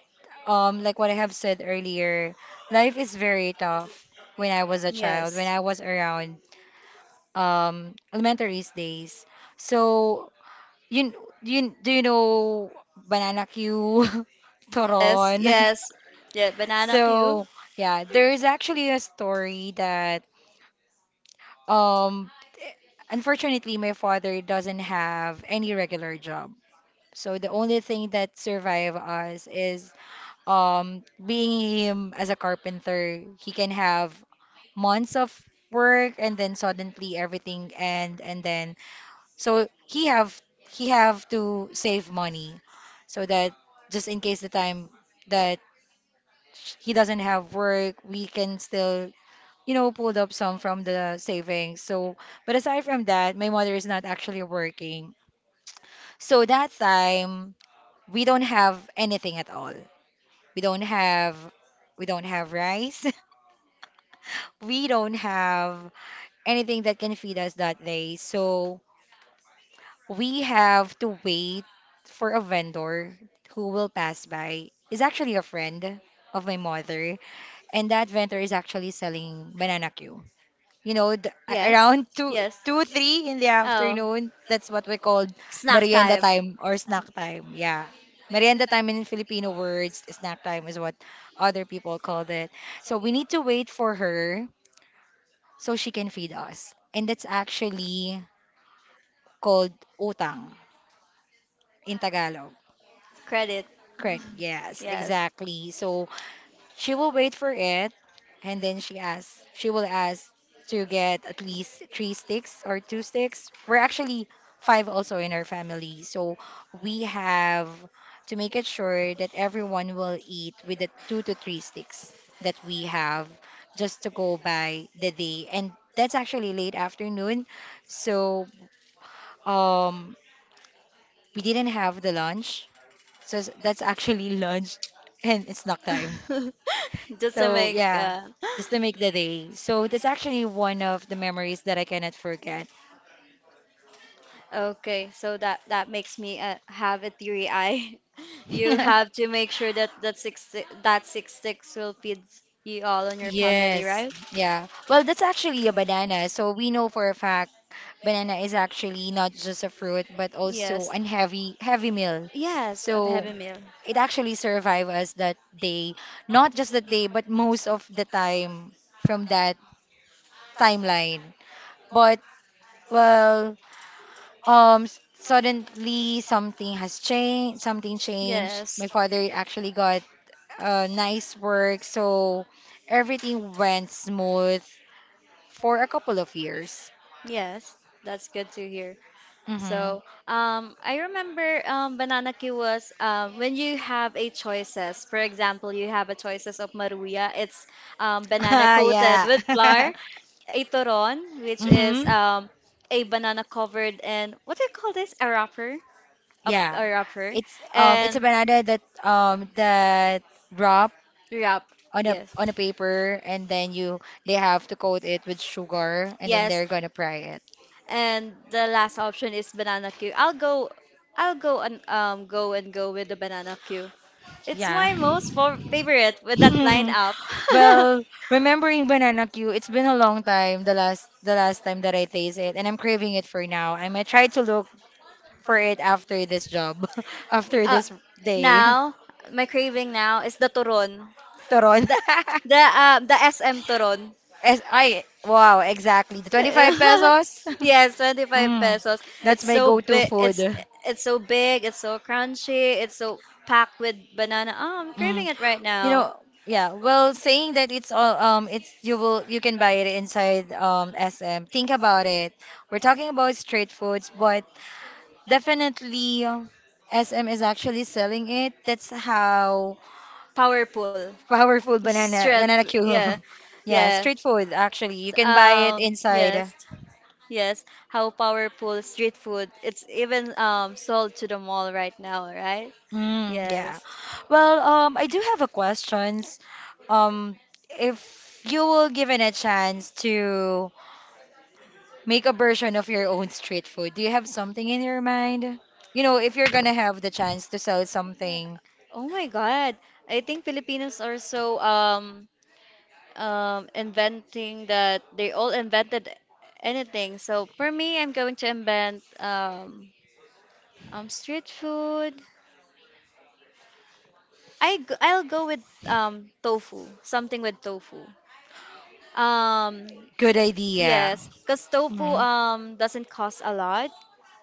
[SPEAKER 1] um, like what I have said earlier, life is very tough when I was a child, when
[SPEAKER 2] Yes.
[SPEAKER 1] I was around um, elementary days. So you, kn- you kn- do you know Banana Q,
[SPEAKER 2] Yes,
[SPEAKER 1] Toron?
[SPEAKER 2] yes. Yeah, banana queue.
[SPEAKER 1] So yeah, there is actually a story that um unfortunately my father doesn't have any regular job. So the only thing that survive us is um being him as a carpenter, he can have months of work and then suddenly everything end, and then so he have he have to save money so that just in case the time that he doesn't have work, we can still, you know, pull up some from the savings. So, but aside from that, my mother is not actually working. So that time we don't have anything at all. We don't have we don't have rice. We don't have anything that can feed us that day. So we have to wait for a vendor who will pass by. Is actually a friend of my mother, and that vendor is actually selling banana queue. You know, the, a-
[SPEAKER 2] Yes.
[SPEAKER 1] around two,
[SPEAKER 2] Yes.
[SPEAKER 1] two, three in the
[SPEAKER 2] Oh,
[SPEAKER 1] afternoon. That's what we call
[SPEAKER 2] snack
[SPEAKER 1] merienda
[SPEAKER 2] time.
[SPEAKER 1] time or snack time. Yeah, merienda time in Filipino words, snack time is what other people called it. So we need to wait for her so she can feed us, and that's actually called utang in Tagalog.
[SPEAKER 2] Credit.
[SPEAKER 1] Correct. Yes,
[SPEAKER 2] Yes.
[SPEAKER 1] exactly. So she will wait for it and then she asks, she will ask to get at least three sticks or two sticks. We're actually five also in our family. So we have to make it sure that everyone will eat with the two to three sticks that we have just to go by the day. And that's actually late afternoon. So um we didn't have the lunch. So s- that's actually lunch and it's snack time.
[SPEAKER 2] Just to
[SPEAKER 1] So
[SPEAKER 2] make
[SPEAKER 1] yeah,
[SPEAKER 2] uh.
[SPEAKER 1] just to make the day. So that's actually one of the memories that I cannot forget.
[SPEAKER 2] Okay, so that that makes me uh, have a theory eye. You have to make sure that that six si, that six sticks will feed you all and your family,
[SPEAKER 1] Yes,
[SPEAKER 2] right?
[SPEAKER 1] yeah. Well, that's actually a banana. So we know for a fact banana is actually not just a fruit, but also
[SPEAKER 2] Yes.
[SPEAKER 1] an heavy heavy meal.
[SPEAKER 2] Yes, a
[SPEAKER 1] So
[SPEAKER 2] heavy meal.
[SPEAKER 1] it actually survived us that day, not just that day, but most of the time from that timeline. But well, Um, s- suddenly something has changed. Something changed.
[SPEAKER 2] Yes.
[SPEAKER 1] My father actually got uh, nice work, so everything went smooth for a couple of years.
[SPEAKER 2] Yes, that's good to hear.
[SPEAKER 1] Mm-hmm.
[SPEAKER 2] So, um, I remember um, banana queue was um, when you have a choices. For example, you have a choices of maruya. It's um, banana coated
[SPEAKER 1] yeah.
[SPEAKER 2] with flour, a toron, which is
[SPEAKER 1] Mm-hmm.
[SPEAKER 2] um, a banana covered in what do you call this? A wrapper, a,
[SPEAKER 1] Yeah.
[SPEAKER 2] a wrapper,
[SPEAKER 1] It's um it's a
[SPEAKER 2] and
[SPEAKER 1] banana that um that wrap
[SPEAKER 2] wrap.
[SPEAKER 1] on a
[SPEAKER 2] Yes,
[SPEAKER 1] on a paper and then you they have to coat it with sugar and then
[SPEAKER 2] yes.
[SPEAKER 1] they're gonna fry it.
[SPEAKER 2] And the last option is banana Q. I'll go, I'll go and um go and go with the banana Q. It's
[SPEAKER 1] Yeah.
[SPEAKER 2] my most for favorite with that lineup.
[SPEAKER 1] Well, remembering banana Q, it's been a long time, the last the last time that I taste it, and I'm craving it for now. I might try to look for it after this job, after
[SPEAKER 2] uh,
[SPEAKER 1] this day.
[SPEAKER 2] now my craving now is the turon.
[SPEAKER 1] Toron.
[SPEAKER 2] The the um the S M toron.
[SPEAKER 1] As I wow, exactly. The twenty-five pesos.
[SPEAKER 2] Yes, twenty-five
[SPEAKER 1] Mm,
[SPEAKER 2] pesos.
[SPEAKER 1] that's
[SPEAKER 2] It's
[SPEAKER 1] my
[SPEAKER 2] so
[SPEAKER 1] go-to
[SPEAKER 2] big. It's
[SPEAKER 1] food.
[SPEAKER 2] it's so big. It's so crunchy. It's so packed with banana. Oh, I'm craving
[SPEAKER 1] Mm.
[SPEAKER 2] it right
[SPEAKER 1] You
[SPEAKER 2] now.
[SPEAKER 1] know, yeah. Well, saying that it's all um, it's you will you can buy it inside um S M. Think about it. We're talking about street foods, but definitely, S M is actually selling it. That's how
[SPEAKER 2] Powerful.
[SPEAKER 1] powerful banana banana
[SPEAKER 2] Stretch.
[SPEAKER 1] Q.
[SPEAKER 2] Yeah.
[SPEAKER 1] Yeah,
[SPEAKER 2] Yeah.
[SPEAKER 1] street food actually. You can buy it
[SPEAKER 2] Um, yes.
[SPEAKER 1] inside.
[SPEAKER 2] Yes. How powerful street food. It's even um sold to the mall right now, right?
[SPEAKER 1] Mm, yeah.
[SPEAKER 2] Yes.
[SPEAKER 1] Well, um, I do have a questions. Um, if you will given a chance to make a version of your own street food, do you have something in your mind? You know, if you're gonna have the chance to sell something,
[SPEAKER 2] Oh my God. I think Filipinos are so um um inventing that they all invented anything. So for me, I'm going to invent um um street food. I g- I'll go with um tofu, something with tofu. Um
[SPEAKER 1] good idea.
[SPEAKER 2] yes, because tofu
[SPEAKER 1] Mhm.
[SPEAKER 2] um doesn't cost a lot.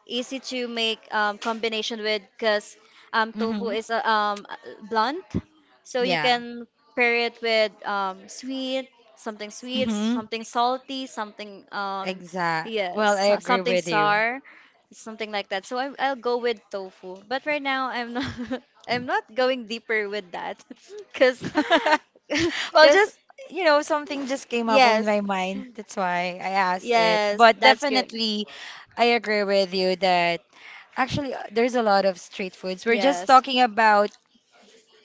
[SPEAKER 2] Easy to make um, combination with, because um, tofu
[SPEAKER 1] Mm-hmm.
[SPEAKER 2] is uh, um, uh, blunt, so you
[SPEAKER 1] Yeah.
[SPEAKER 2] can pair it with um, sweet, something sweet,
[SPEAKER 1] Mm-hmm.
[SPEAKER 2] something salty, something um,
[SPEAKER 1] Exact. Well, I
[SPEAKER 2] yes, so-
[SPEAKER 1] agree
[SPEAKER 2] something
[SPEAKER 1] with you.
[SPEAKER 2] sour, something like that. So I, I'll go with tofu, but right now I'm not I'm not going deeper with that because
[SPEAKER 1] Well,
[SPEAKER 2] because
[SPEAKER 1] just, you know, something just came up in
[SPEAKER 2] yes,
[SPEAKER 1] my mind. That's why I asked it.
[SPEAKER 2] yes,
[SPEAKER 1] But
[SPEAKER 2] that's good.
[SPEAKER 1] definitely, I agree with you that actually uh, there's a lot of street foods. We're just
[SPEAKER 2] Yes.
[SPEAKER 1] talking about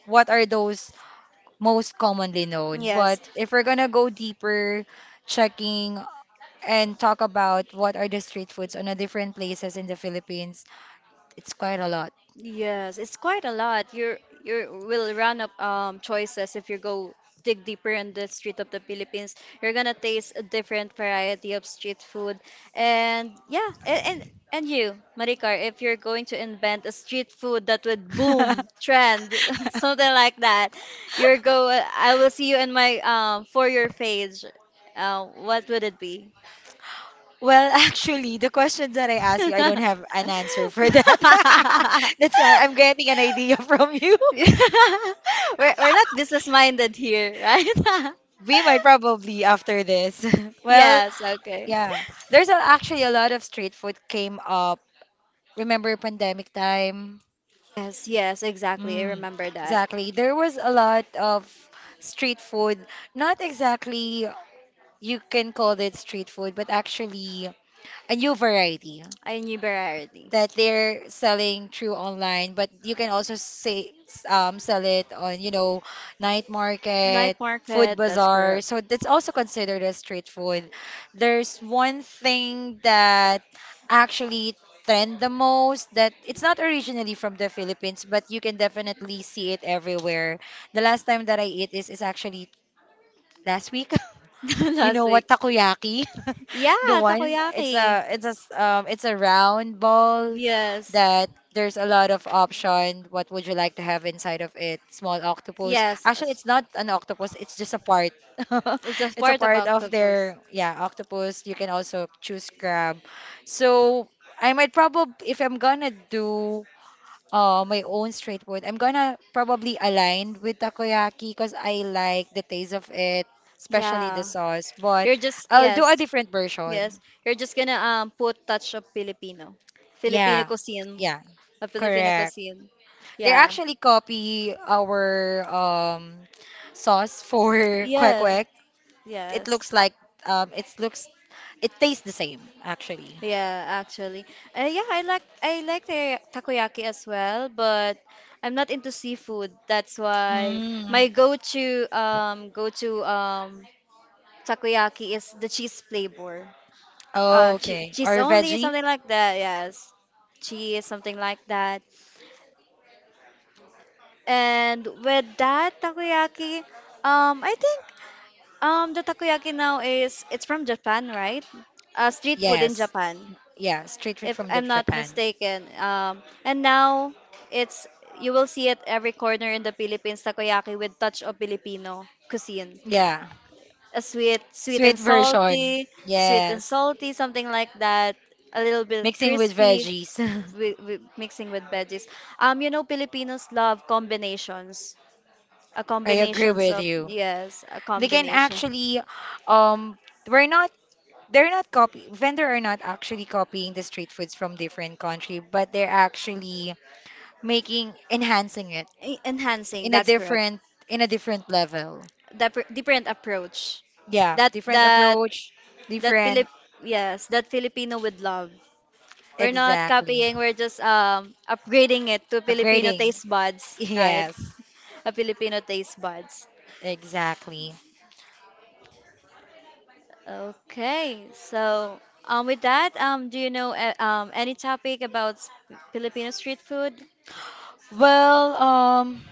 [SPEAKER 1] what are those most commonly known. But
[SPEAKER 2] Yes.
[SPEAKER 1] if we're gonna go deeper, checking and talk about what are the street foods on the different places in the Philippines, it's quite a lot.
[SPEAKER 2] Yes, it's quite a lot. You're you will run up um choices if you go dig deeper in the street of the Philippines. You're gonna taste a different variety of street food, and yeah, and and, and you, Maricar, if you're going to invent a street food that would boom trend, something like that, you're go. I will see you in my um for your page. Uh, what would it be?
[SPEAKER 1] Well, actually, the questions that I asked you, I don't have an answer for that. That's why I'm getting an idea from you.
[SPEAKER 2] we're we're not business minded here, right?
[SPEAKER 1] We might probably after this. Well,
[SPEAKER 2] yes, okay.
[SPEAKER 1] yeah, there's a, actually a lot of street food came up. Remember pandemic time?
[SPEAKER 2] Yes, yes, exactly. I
[SPEAKER 1] Mm,
[SPEAKER 2] remember that.
[SPEAKER 1] exactly. There was a lot of street food. Not exactly you can call it street food, but actually a new variety
[SPEAKER 2] I knew variety.
[SPEAKER 1] that they're selling through online. But you can also say s- um, sell it on, you know, night
[SPEAKER 2] Night
[SPEAKER 1] market food
[SPEAKER 2] market, that's
[SPEAKER 1] bazaar.
[SPEAKER 2] correct.
[SPEAKER 1] So that's also considered as street food. There's one thing that actually trend the most that it's not originally from the Philippines, but you can definitely see it everywhere. The last time that I ate this is actually last week. You
[SPEAKER 2] Last
[SPEAKER 1] know
[SPEAKER 2] week.
[SPEAKER 1] what takoyaki?
[SPEAKER 2] Yeah,
[SPEAKER 1] The one it's
[SPEAKER 2] takoyaki.
[SPEAKER 1] a it's a s- um it's a round ball
[SPEAKER 2] Yes.
[SPEAKER 1] that there's a lot of option. What would you like to have inside of it? Small octopus.
[SPEAKER 2] Yes.
[SPEAKER 1] Actually, it's not an octopus. It's just a part.
[SPEAKER 2] It's a
[SPEAKER 1] It's a
[SPEAKER 2] part of
[SPEAKER 1] part of
[SPEAKER 2] octopus.
[SPEAKER 1] their yeah octopus. You can also choose crab. So I might probably if I'm gonna do uh, my own street food. I'm gonna probably align with takoyaki because I like the taste of it, especially the
[SPEAKER 2] Yeah.
[SPEAKER 1] sauce. But
[SPEAKER 2] You're just
[SPEAKER 1] I'll do
[SPEAKER 2] yes,
[SPEAKER 1] a different version.
[SPEAKER 2] yes. You're just gonna um put touch of Filipino, Filipino
[SPEAKER 1] Yeah,
[SPEAKER 2] cuisine,
[SPEAKER 1] yeah,
[SPEAKER 2] a Filipino
[SPEAKER 1] correct.
[SPEAKER 2] cuisine.
[SPEAKER 1] They
[SPEAKER 2] Yeah.
[SPEAKER 1] actually copy our um sauce for kwek
[SPEAKER 2] Yeah.
[SPEAKER 1] kwek. It
[SPEAKER 2] Yes.
[SPEAKER 1] looks like um, it looks it tastes the same actually.
[SPEAKER 2] Yeah, actually. Uh, yeah, I like I like the takoyaki as well, but I'm not into seafood. That's why
[SPEAKER 1] Mm.
[SPEAKER 2] my go-to um go-to um takoyaki is the cheese flavor. Uh, che
[SPEAKER 1] Okay,
[SPEAKER 2] cheese
[SPEAKER 1] or
[SPEAKER 2] only,
[SPEAKER 1] veggie?
[SPEAKER 2] something like that. Yes, cheese, something like that. And with that takoyaki, um, I think um the takoyaki now is it's from Japan, right? Uh, street food in
[SPEAKER 1] Yes,
[SPEAKER 2] Japan.
[SPEAKER 1] yeah, street food
[SPEAKER 2] If
[SPEAKER 1] from the
[SPEAKER 2] I'm not
[SPEAKER 1] Japan.
[SPEAKER 2] mistaken. Um, and now it's you will see it every corner in the Philippines, takoyaki with touch of Filipino cuisine.
[SPEAKER 1] Yeah.
[SPEAKER 2] A sweet, sweet
[SPEAKER 1] Sweet
[SPEAKER 2] and
[SPEAKER 1] version.
[SPEAKER 2] salty, sweet and
[SPEAKER 1] Yes.
[SPEAKER 2] salty, something like that. A little bit
[SPEAKER 1] Mixing with
[SPEAKER 2] crispy,
[SPEAKER 1] veggies.
[SPEAKER 2] wi wi- mixing with veggies. Um, you know, Filipinos love combinations. A
[SPEAKER 1] I agree
[SPEAKER 2] combinations
[SPEAKER 1] with
[SPEAKER 2] of
[SPEAKER 1] you.
[SPEAKER 2] yes, a
[SPEAKER 1] They can
[SPEAKER 2] combination.
[SPEAKER 1] actually, um, we're not, they're not copy, vendor are not actually copying the street foods from different country, but they're actually making, enhancing it
[SPEAKER 2] E- Enhancing,
[SPEAKER 1] in a
[SPEAKER 2] that's correct.
[SPEAKER 1] different, in a different level.
[SPEAKER 2] Dep different approach
[SPEAKER 1] Yeah,
[SPEAKER 2] that
[SPEAKER 1] different
[SPEAKER 2] that
[SPEAKER 1] approach,
[SPEAKER 2] that
[SPEAKER 1] different,
[SPEAKER 2] Filip yes, that Filipino with love. We're not
[SPEAKER 1] exactly.
[SPEAKER 2] copying, we're just um upgrading it to Filipino
[SPEAKER 1] Upgrading.
[SPEAKER 2] taste buds, right?
[SPEAKER 1] Yes,
[SPEAKER 2] A Filipino taste buds.
[SPEAKER 1] exactly.
[SPEAKER 2] Okay. So, um with that, um do you know uh, um any topic about s- Filipino street food?
[SPEAKER 1] Well, um,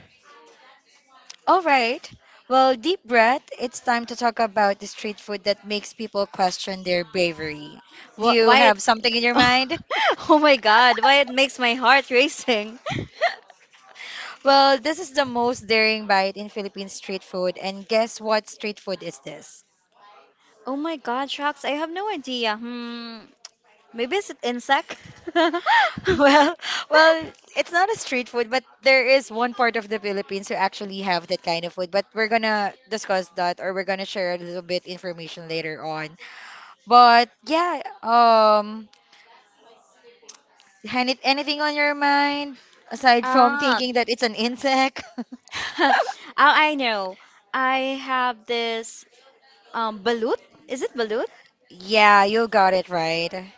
[SPEAKER 1] all right. Well, deep breath. It's time to talk about the street food that makes people question their bravery. Do
[SPEAKER 2] Wh-
[SPEAKER 1] you
[SPEAKER 2] why it
[SPEAKER 1] have something in your mind?
[SPEAKER 2] Oh my God, why it makes my heart racing.
[SPEAKER 1] Well, this is the most daring bite in Philippine street food, and guess what street food is this?
[SPEAKER 2] Oh my God, shucks, I have no idea. Hmm, maybe it's an insect?
[SPEAKER 1] Well, well, it's not a street food, but there is one part of the Philippines who actually have that kind of food. But we're gonna discuss that, or we're gonna share a little bit information later on. But yeah, um, any, anything on your mind aside from
[SPEAKER 2] Ah,
[SPEAKER 1] thinking that it's an insect?
[SPEAKER 2] oh, I know. I have this um balut. Is it balut?
[SPEAKER 1] Yeah, you got it right.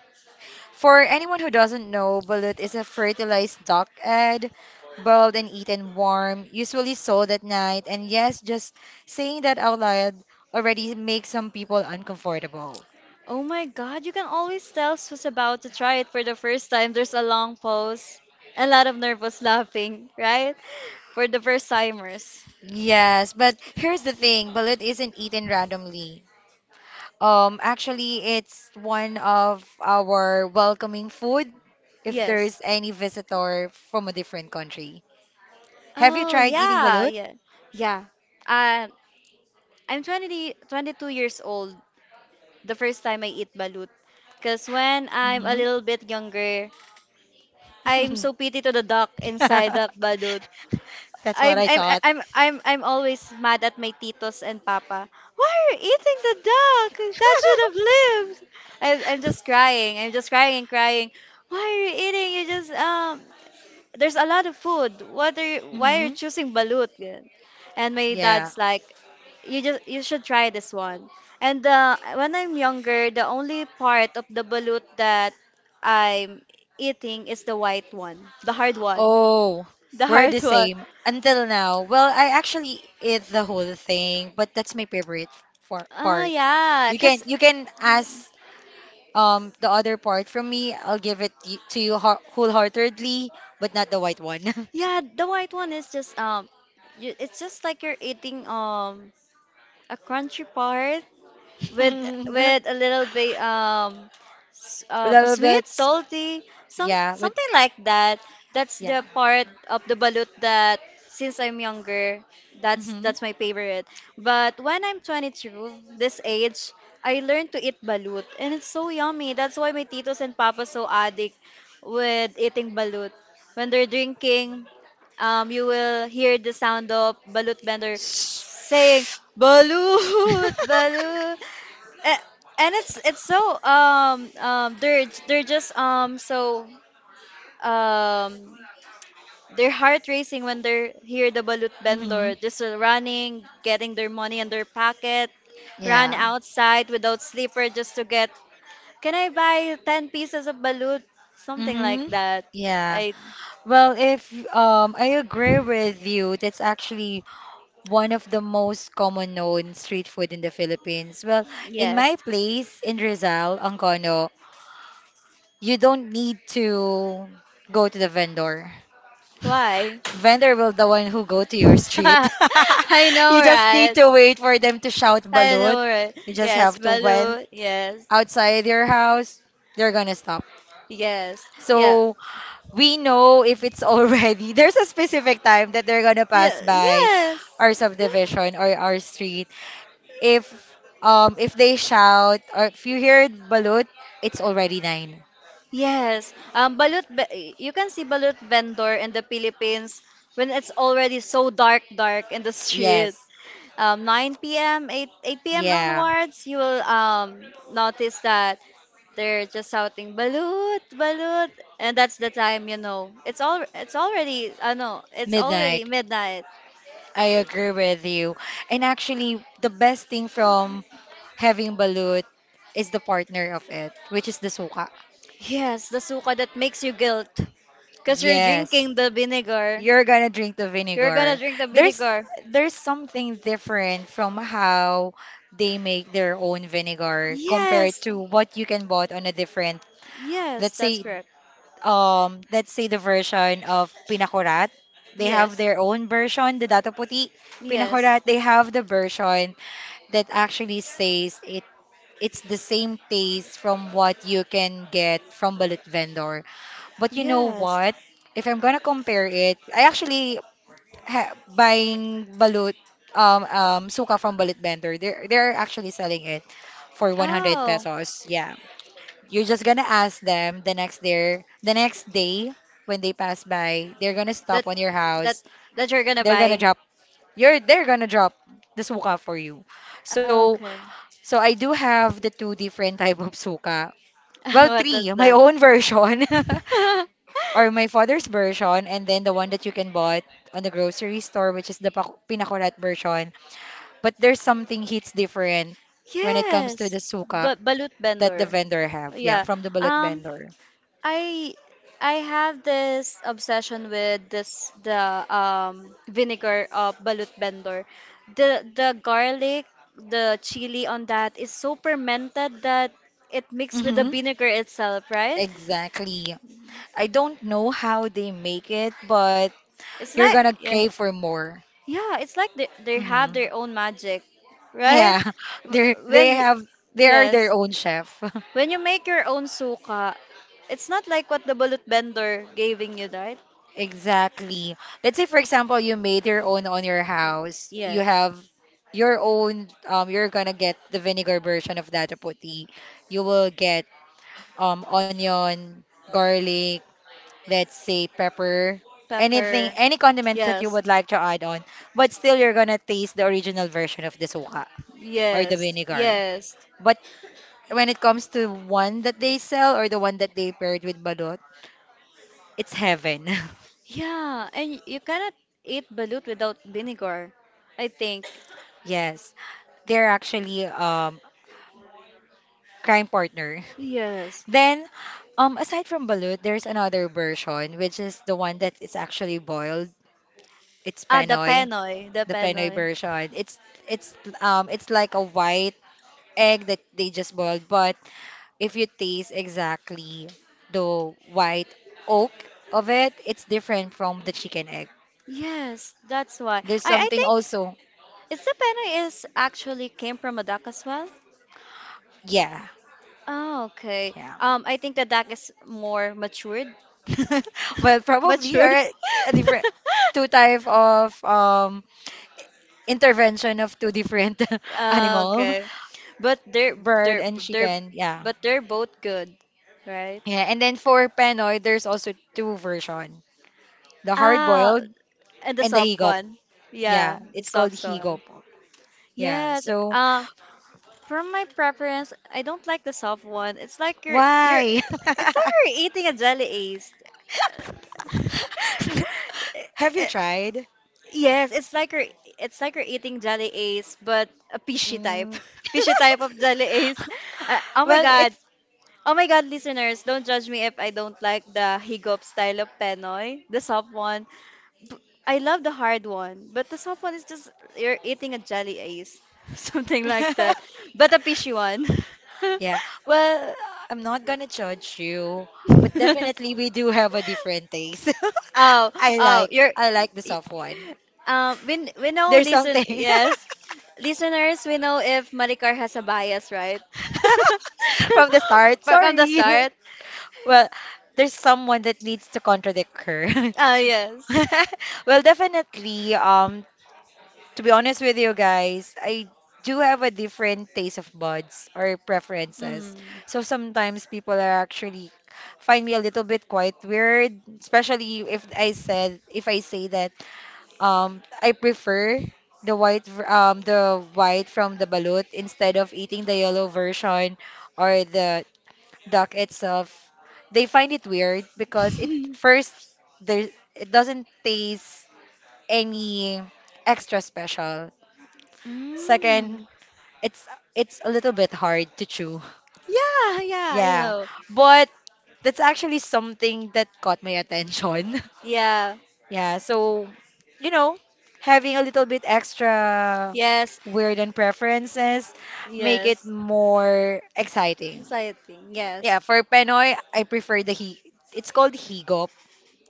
[SPEAKER 1] For anyone who doesn't know, balut is a fertilized duck egg, boiled and eaten warm, usually sold at night. And yes, just saying that out loud already makes some people uncomfortable.
[SPEAKER 2] Oh my god, you can always tell who's about to try it for the first time. There's a long pause, a lot of nervous laughing, right? For the first timers.
[SPEAKER 1] Yes, but here's the thing, balut isn't eaten randomly. Um, actually, it's one of our welcoming food if
[SPEAKER 2] Yes.
[SPEAKER 1] there's any visitor from a different country. Have you
[SPEAKER 2] Oh,
[SPEAKER 1] tried eating
[SPEAKER 2] yeah,
[SPEAKER 1] balut?
[SPEAKER 2] yeah. Yeah. Uh, I'm twenty, twenty-two years old the first time I eat balut. Because when I'm a
[SPEAKER 1] Mhm.
[SPEAKER 2] little bit younger, I'm so pity to the duck inside the balut.
[SPEAKER 1] That's what
[SPEAKER 2] I'm
[SPEAKER 1] I
[SPEAKER 2] I'm
[SPEAKER 1] thought.
[SPEAKER 2] I'm I'm I'm always mad at my titos and papa. Why are you eating the duck? That should have lived. I, I'm just crying. I'm just crying and crying. Why are you eating? You just um there's a lot of food. What are you, why are you
[SPEAKER 1] Mhm.
[SPEAKER 2] choosing balut? Gan- And my
[SPEAKER 1] Yeah.
[SPEAKER 2] dad's like, you just you should try this one. And uh, when I'm younger, the only part of the balut that I'm eating is the white one, the hard one,
[SPEAKER 1] Oh,
[SPEAKER 2] the
[SPEAKER 1] we're
[SPEAKER 2] hard
[SPEAKER 1] the
[SPEAKER 2] one.
[SPEAKER 1] same until now. Well, I actually ate the whole thing, but that's my favorite for
[SPEAKER 2] Ah,
[SPEAKER 1] part.
[SPEAKER 2] yeah,
[SPEAKER 1] You can
[SPEAKER 2] cause
[SPEAKER 1] you can ask um the other part from me. I'll give it y- to you ho- wholeheartedly, but not the white one.
[SPEAKER 2] yeah, the white one is just um, you, it's just like you're eating um a crunchy part. with with a little bit um, s-
[SPEAKER 1] A
[SPEAKER 2] um
[SPEAKER 1] little bit.
[SPEAKER 2] sweet, salty, some
[SPEAKER 1] Yeah, but
[SPEAKER 2] something like that. That's
[SPEAKER 1] yeah.
[SPEAKER 2] the part of the balut that since I'm younger, that's
[SPEAKER 1] Hmm.
[SPEAKER 2] that's my favorite. But when I'm twenty-two, this age, I learned to eat balut and it's so yummy. That's why my titos and papas so addict with eating balut. When they're drinking, um, you will hear the sound of balut vendor saying balut, balut. A- and it's it's so um um they're they're just um so um they're heart racing when they're hear the balut
[SPEAKER 1] Hmm.
[SPEAKER 2] vendor just uh, running getting their money in their pocket, run
[SPEAKER 1] Yeah.
[SPEAKER 2] outside without sleeper just to get, can I buy ten pieces of balut, something
[SPEAKER 1] Hmm.
[SPEAKER 2] like that.
[SPEAKER 1] Yeah.
[SPEAKER 2] I
[SPEAKER 1] Well, if um, I agree with you, that's actually one of the most common known street food in the Philippines. Well, in my
[SPEAKER 2] yes,
[SPEAKER 1] place in Rizal, Angono, you don't need to go to the vendor.
[SPEAKER 2] why?
[SPEAKER 1] Vendor will the one who go to your street.
[SPEAKER 2] I know,
[SPEAKER 1] You just need
[SPEAKER 2] right?
[SPEAKER 1] to wait for them to shout
[SPEAKER 2] I know,
[SPEAKER 1] balut.
[SPEAKER 2] right?
[SPEAKER 1] You just
[SPEAKER 2] Yes,
[SPEAKER 1] have to went
[SPEAKER 2] balut, yes.
[SPEAKER 1] outside your house. They're gonna stop.
[SPEAKER 2] Yes. Yeah.
[SPEAKER 1] So we know if it's already there's a specific time that they're gonna
[SPEAKER 2] Yeah,
[SPEAKER 1] pass by
[SPEAKER 2] yes.
[SPEAKER 1] our subdivision or our street. If um if they shout or if you hear balut, it's already nine.
[SPEAKER 2] Yes. Um, balut ve- you can see balut vendor in the Philippines when it's already so dark, dark in the street.
[SPEAKER 1] Yes.
[SPEAKER 2] Um, nine p m, eight, eight p m
[SPEAKER 1] Yeah.
[SPEAKER 2] onwards, you will um, notice that they're just shouting balut, balut, and that's the time you know. It's all it's already, I know, it's already
[SPEAKER 1] Midnight.
[SPEAKER 2] midnight.
[SPEAKER 1] I agree with you. And actually the best thing from having balut is the partner of it, which is the suka.
[SPEAKER 2] Yes, the suka that makes you guilt. Because you're
[SPEAKER 1] Yes,
[SPEAKER 2] drinking the vinegar.
[SPEAKER 1] you're gonna drink the
[SPEAKER 2] You're gonna
[SPEAKER 1] vinegar.
[SPEAKER 2] drink the
[SPEAKER 1] There's
[SPEAKER 2] vinegar.
[SPEAKER 1] there's something different from how they make their own vinegar compared
[SPEAKER 2] Yes,
[SPEAKER 1] to what you can bought on a different,
[SPEAKER 2] yes,
[SPEAKER 1] let's
[SPEAKER 2] that's
[SPEAKER 1] say,
[SPEAKER 2] correct.
[SPEAKER 1] um, let's say the version of pinakurat. They have
[SPEAKER 2] Yes,
[SPEAKER 1] their own version, the Dato Puti
[SPEAKER 2] yes,
[SPEAKER 1] pinakurat. They have the version that actually says it it's the same taste from what you can get from bullet vendor. But you know
[SPEAKER 2] yes.
[SPEAKER 1] what? If I'm gonna compare it, I actually ha, buying balut um um suka from balut vendor they're they're actually selling it for one hundred
[SPEAKER 2] Oh,
[SPEAKER 1] pesos, yeah. You're just gonna ask them the next day the next day when they pass by, they're gonna
[SPEAKER 2] that
[SPEAKER 1] stop on your
[SPEAKER 2] that
[SPEAKER 1] house,
[SPEAKER 2] that you're gonna
[SPEAKER 1] they're gonna
[SPEAKER 2] buy.
[SPEAKER 1] drop you're they're gonna drop the suka for you. So
[SPEAKER 2] Okay.
[SPEAKER 1] so I do have the two different type of suka, well
[SPEAKER 2] What is
[SPEAKER 1] three, my
[SPEAKER 2] that?
[SPEAKER 1] own version, or my father's version, and then the one that you can buy on the grocery store, which is the pak- pinakulat version. But there's something hits different when it comes to the
[SPEAKER 2] Yes,
[SPEAKER 1] suka
[SPEAKER 2] but balut
[SPEAKER 1] that the
[SPEAKER 2] vendor.
[SPEAKER 1] vendor have, yeah,
[SPEAKER 2] Yeah.
[SPEAKER 1] from the bullet
[SPEAKER 2] Um,
[SPEAKER 1] vendor.
[SPEAKER 2] I I have this obsession with this the um vinegar of balut bendor. The the garlic, the chili on that is so fermented that it mixed with the
[SPEAKER 1] Hmm,
[SPEAKER 2] vinegar itself, right?
[SPEAKER 1] exactly. I don't know how they make it, but
[SPEAKER 2] It's
[SPEAKER 1] you're
[SPEAKER 2] like
[SPEAKER 1] gonna
[SPEAKER 2] yeah.
[SPEAKER 1] crave for more.
[SPEAKER 2] Yeah, it's like they they have
[SPEAKER 1] Hmm,
[SPEAKER 2] their own magic, right?
[SPEAKER 1] yeah. they
[SPEAKER 2] W-
[SPEAKER 1] they
[SPEAKER 2] When you
[SPEAKER 1] have they are
[SPEAKER 2] yes,
[SPEAKER 1] their own chef.
[SPEAKER 2] when you make your own suka, it's not like what the balut bender giving you, right?
[SPEAKER 1] Exactly. Let's say, for example, you made your own on your house. You
[SPEAKER 2] Yes.
[SPEAKER 1] have your own, um, you're gonna get the vinegar version of that puti. You will get um onion, garlic, let's say pepper, anything,
[SPEAKER 2] Pepper.
[SPEAKER 1] any condiments that you
[SPEAKER 2] Yes,
[SPEAKER 1] would like to add on. But still, you're gonna taste the original version of the suka or the
[SPEAKER 2] yes,
[SPEAKER 1] vinegar.
[SPEAKER 2] yes.
[SPEAKER 1] But when it comes to one that they sell or the one that they paired with balot, it's heaven.
[SPEAKER 2] Yeah, and you cannot eat balut without vinegar, I think.
[SPEAKER 1] Yes, they're actually um crime partner.
[SPEAKER 2] Yes.
[SPEAKER 1] Then, um, aside from balut, there's another version, which is the one that is actually boiled. It's
[SPEAKER 2] Ah, the
[SPEAKER 1] penoy,
[SPEAKER 2] penoy, the
[SPEAKER 1] the penoy
[SPEAKER 2] penoy.
[SPEAKER 1] version. It's it's um it's like a white egg that they just boiled, but if you taste exactly the white oak of it, it's different from the chicken egg.
[SPEAKER 2] Yes, that's why.
[SPEAKER 1] There's
[SPEAKER 2] I, I
[SPEAKER 1] something
[SPEAKER 2] think
[SPEAKER 1] also,
[SPEAKER 2] is the penoy is actually came from a duck as well.
[SPEAKER 1] yeah,
[SPEAKER 2] Oh, okay.
[SPEAKER 1] yeah.
[SPEAKER 2] Um, I think the duck is more matured.
[SPEAKER 1] Well, probably, or
[SPEAKER 2] Matured.
[SPEAKER 1] a a different two type of um intervention of two different
[SPEAKER 2] Ah,
[SPEAKER 1] animal,
[SPEAKER 2] okay. But they're
[SPEAKER 1] bird
[SPEAKER 2] they're
[SPEAKER 1] and
[SPEAKER 2] they're
[SPEAKER 1] chicken. Yeah.
[SPEAKER 2] but they're both good, right?
[SPEAKER 1] Yeah, and then for Penoy, there's also two version, the hard
[SPEAKER 2] Ah,
[SPEAKER 1] boiled
[SPEAKER 2] and the
[SPEAKER 1] and the
[SPEAKER 2] soft
[SPEAKER 1] higop.
[SPEAKER 2] one. Yeah,
[SPEAKER 1] Yeah,
[SPEAKER 2] the
[SPEAKER 1] it's called
[SPEAKER 2] soft
[SPEAKER 1] higop.
[SPEAKER 2] one.
[SPEAKER 1] Yeah.
[SPEAKER 2] Yes.
[SPEAKER 1] So
[SPEAKER 2] Uh, from my preference, I don't like the soft one. It's like you're you're
[SPEAKER 1] why?
[SPEAKER 2] it's like you're eating a jelly ace.
[SPEAKER 1] Have you tried?
[SPEAKER 2] Yes, it's like you're it's like you're eating jelly ace, but a fishy type.
[SPEAKER 1] Mm,
[SPEAKER 2] Fishy type of jelly ace. Uh, oh my
[SPEAKER 1] well,
[SPEAKER 2] God, oh my God, listeners, don't judge me if I don't like the higop style of penoy, the soft one. B- I love the hard one, but the soft one is just you're eating a jelly ace, something like
[SPEAKER 1] it's
[SPEAKER 2] that. But a fishy one.
[SPEAKER 1] Yeah. Well, I'm not gonna judge you, but definitely we do have a different taste.
[SPEAKER 2] Oh,
[SPEAKER 1] I
[SPEAKER 2] oh,
[SPEAKER 1] like
[SPEAKER 2] you're.
[SPEAKER 1] I like the
[SPEAKER 2] y-
[SPEAKER 1] soft one.
[SPEAKER 2] Um, we, we know,
[SPEAKER 1] There's
[SPEAKER 2] listen,
[SPEAKER 1] something
[SPEAKER 2] yes. Listeners, we know if Maricar has a bias, right?
[SPEAKER 1] from the start.
[SPEAKER 2] From the
[SPEAKER 1] Sorry.
[SPEAKER 2] start.
[SPEAKER 1] Well, there's someone that needs to contradict her.
[SPEAKER 2] Ah, yes.
[SPEAKER 1] Well, definitely. Um, To be honest with you guys, I do have a different taste of buds or preferences.
[SPEAKER 2] Mm.
[SPEAKER 1] So sometimes people are actually find me a little bit quite weird, especially if I said if I say that um I prefer the white ver- um the white from the balut instead of eating the yellow version or the duck itself. They find it weird because it first there it doesn't taste any extra special.
[SPEAKER 2] Mm.
[SPEAKER 1] Second, it's it's a little bit hard to chew.
[SPEAKER 2] Yeah, yeah, I
[SPEAKER 1] Yeah.
[SPEAKER 2] know.
[SPEAKER 1] But that's actually something that caught my attention.
[SPEAKER 2] Yeah,
[SPEAKER 1] Yeah, so you know, having a little bit extra
[SPEAKER 2] yes,
[SPEAKER 1] weird and preferences make it
[SPEAKER 2] yes.
[SPEAKER 1] more exciting.
[SPEAKER 2] Society, yes.
[SPEAKER 1] Yeah, for Penoy, I prefer the he it's called Higop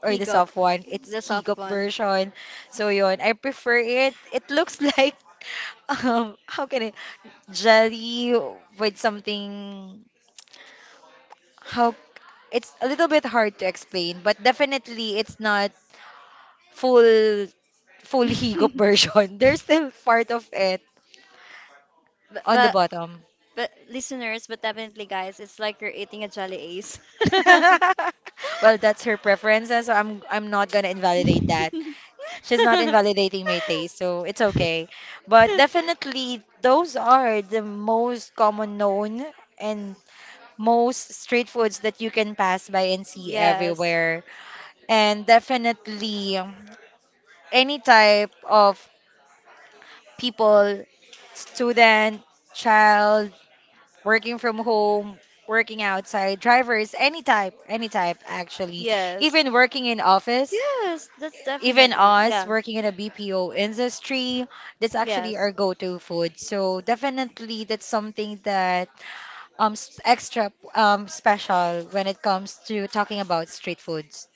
[SPEAKER 1] or
[SPEAKER 2] He
[SPEAKER 1] the
[SPEAKER 2] got
[SPEAKER 1] soft one. It's
[SPEAKER 2] the soft
[SPEAKER 1] Higop
[SPEAKER 2] one.
[SPEAKER 1] version. So yun, I prefer it. It looks like um how can I jelly with something how it's a little bit hard to explain but definitely it's not full full higop
[SPEAKER 2] but,
[SPEAKER 1] version there's still part of it on the
[SPEAKER 2] but
[SPEAKER 1] bottom
[SPEAKER 2] but listeners, but definitely guys, it's like you're eating a jelly ace.
[SPEAKER 1] well that's her preference and so i'm i'm not gonna invalidate that. She's not invalidating my taste so it's okay, but definitely those are the most common known and most street foods that you can pass by and see
[SPEAKER 2] Yes.
[SPEAKER 1] everywhere. And definitely any type of people, student, child, working from home, working outside, drivers, any type, any type actually,
[SPEAKER 2] Yes.
[SPEAKER 1] even working in office,
[SPEAKER 2] Yes, that's
[SPEAKER 1] even
[SPEAKER 2] definitely.
[SPEAKER 1] us
[SPEAKER 2] Yeah.
[SPEAKER 1] working in a B P O industry, that's actually
[SPEAKER 2] Yes.
[SPEAKER 1] our go-to food. So definitely that's something that um s- extra um special when it comes to talking about street foods.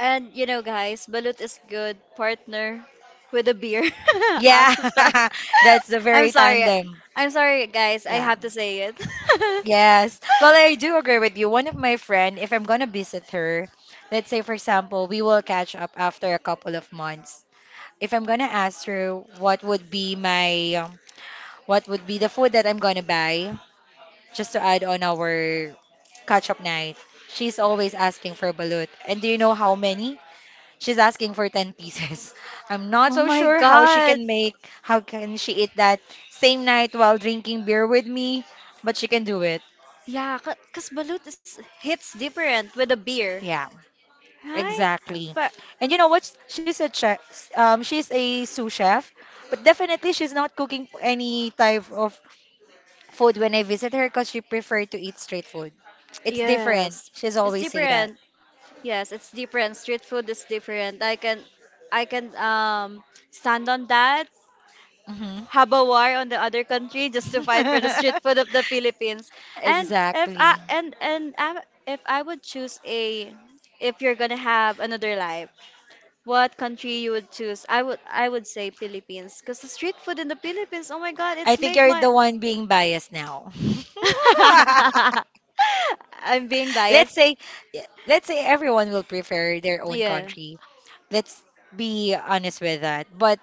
[SPEAKER 2] And you know, guys, balut is good partner with a beer. I'm
[SPEAKER 1] Yeah,
[SPEAKER 2] so sorry.
[SPEAKER 1] that's the
[SPEAKER 2] I'm
[SPEAKER 1] very
[SPEAKER 2] sorry.
[SPEAKER 1] tandem.
[SPEAKER 2] I'm sorry, guys. I
[SPEAKER 1] Yeah.
[SPEAKER 2] have to say it.
[SPEAKER 1] Yes. Well, I do agree with you. One of my friend, if I'm gonna visit her, let's say for example, we will catch up after a couple of months. If I'm gonna ask her what would be my um, what would be the food that I'm gonna buy, just to add on our catch up night, she's always asking for balut. And do you know how many? She's asking for ten pieces. I'm not
[SPEAKER 2] Oh
[SPEAKER 1] so
[SPEAKER 2] my
[SPEAKER 1] sure how she
[SPEAKER 2] God.
[SPEAKER 1] can make, how can she eat that same night while drinking beer with me, but she can do it.
[SPEAKER 2] Yeah, because balut is, hits different with a beer,
[SPEAKER 1] Yeah.
[SPEAKER 2] right?
[SPEAKER 1] Exactly.
[SPEAKER 2] But
[SPEAKER 1] And you know what? She's a chef. Um, she's a sous chef, but definitely she's not cooking any type of food when I visit her because she prefer to eat street food. It's different.
[SPEAKER 2] yes,
[SPEAKER 1] She's
[SPEAKER 2] it's
[SPEAKER 1] always say that.
[SPEAKER 2] different. Yes, it's different. Street food is different. I can, I can um stand on that.
[SPEAKER 1] Hmm.
[SPEAKER 2] Have a war on the other country just to fight for the street food of the Philippines. And if
[SPEAKER 1] Exactly.
[SPEAKER 2] I and and I, if I would choose a, if you're gonna have another life, what country you would choose? I would I would say Philippines, because the street food in the Philippines, oh my God,
[SPEAKER 1] I
[SPEAKER 2] it's
[SPEAKER 1] think
[SPEAKER 2] make
[SPEAKER 1] you're the
[SPEAKER 2] my
[SPEAKER 1] one being biased now.
[SPEAKER 2] I'm being
[SPEAKER 1] Let's
[SPEAKER 2] biased.
[SPEAKER 1] say, let's say everyone will prefer their own
[SPEAKER 2] Yeah.
[SPEAKER 1] country. Let's be honest with that. But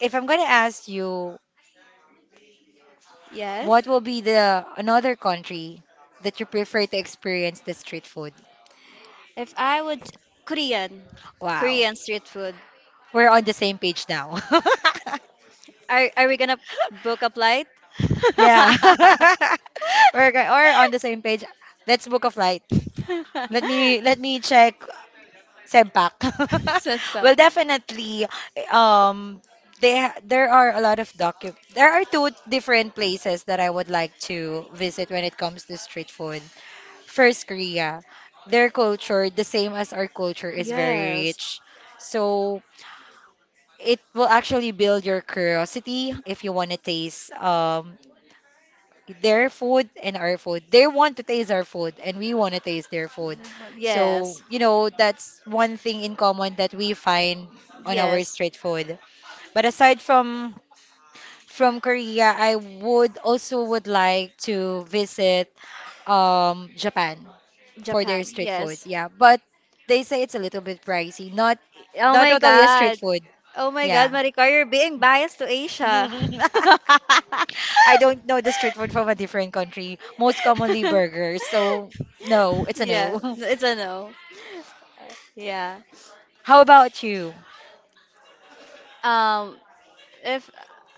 [SPEAKER 1] if I'm going to ask you,
[SPEAKER 2] Yes.
[SPEAKER 1] what will be the another country that you prefer to experience the street food?
[SPEAKER 2] If I would Korean,
[SPEAKER 1] Wow.
[SPEAKER 2] Korean street food.
[SPEAKER 1] We're on the same page now.
[SPEAKER 2] Are are we gonna book a flight?
[SPEAKER 1] Yeah. We're go- we're on the same page. Let's book a flight. Let me let me check Sempak.
[SPEAKER 2] Setup.
[SPEAKER 1] Well, definitely um they ha- there are a lot of docu there are two different places that I would like to visit when it comes to street food. First, Korea. Their culture, the same as our culture, is very
[SPEAKER 2] Yes.
[SPEAKER 1] rich. So it will actually build your curiosity if you want to taste um, their food and our food. They want to taste our food and we want to taste their food. So,
[SPEAKER 2] Yes.
[SPEAKER 1] you know, that's one thing in common that we find on our
[SPEAKER 2] Yes.
[SPEAKER 1] street food. But aside from from Korea, I would also would like to visit um Japan for their
[SPEAKER 2] Japan.
[SPEAKER 1] street food.
[SPEAKER 2] Yes.
[SPEAKER 1] Yeah, but they say it's a little bit pricey. Not
[SPEAKER 2] Oh
[SPEAKER 1] not
[SPEAKER 2] my
[SPEAKER 1] totally a street
[SPEAKER 2] God.
[SPEAKER 1] food.
[SPEAKER 2] Oh my
[SPEAKER 1] Yeah.
[SPEAKER 2] God, Maricar, you're being biased to Asia.
[SPEAKER 1] I don't know the street food from a different country. Most commonly burgers. So no, it's a
[SPEAKER 2] Yeah,
[SPEAKER 1] no.
[SPEAKER 2] it's a no. Yeah.
[SPEAKER 1] How about you?
[SPEAKER 2] Um, if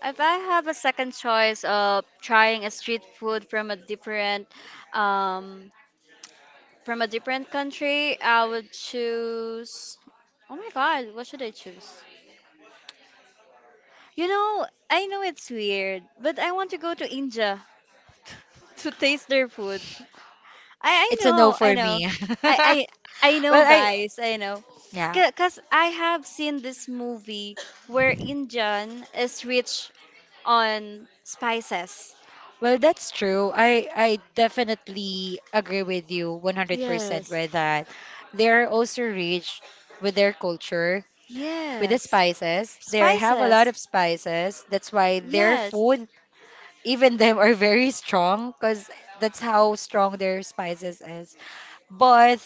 [SPEAKER 2] if I have a second choice of trying a street food from a different um from a different country, I would choose. Oh my God, what should I choose? You know, I know it's weird, but I want to go to India. To taste their food. I I
[SPEAKER 1] It's a no
[SPEAKER 2] know, I
[SPEAKER 1] for
[SPEAKER 2] know.
[SPEAKER 1] me.
[SPEAKER 2] I I I know
[SPEAKER 1] Well, I
[SPEAKER 2] guys, I know.
[SPEAKER 1] yeah.
[SPEAKER 2] Cuz I have seen this movie where Indian is rich on spices.
[SPEAKER 1] Well, that's true. I I definitely agree with you one hundred percent
[SPEAKER 2] Yes.
[SPEAKER 1] with that. They're also rich with their culture, with the
[SPEAKER 2] Yes.
[SPEAKER 1] spices. They have a lot
[SPEAKER 2] Spices.
[SPEAKER 1] of spices. That's why their
[SPEAKER 2] Yes.
[SPEAKER 1] food, even them, are very strong because that's how strong their spices is. But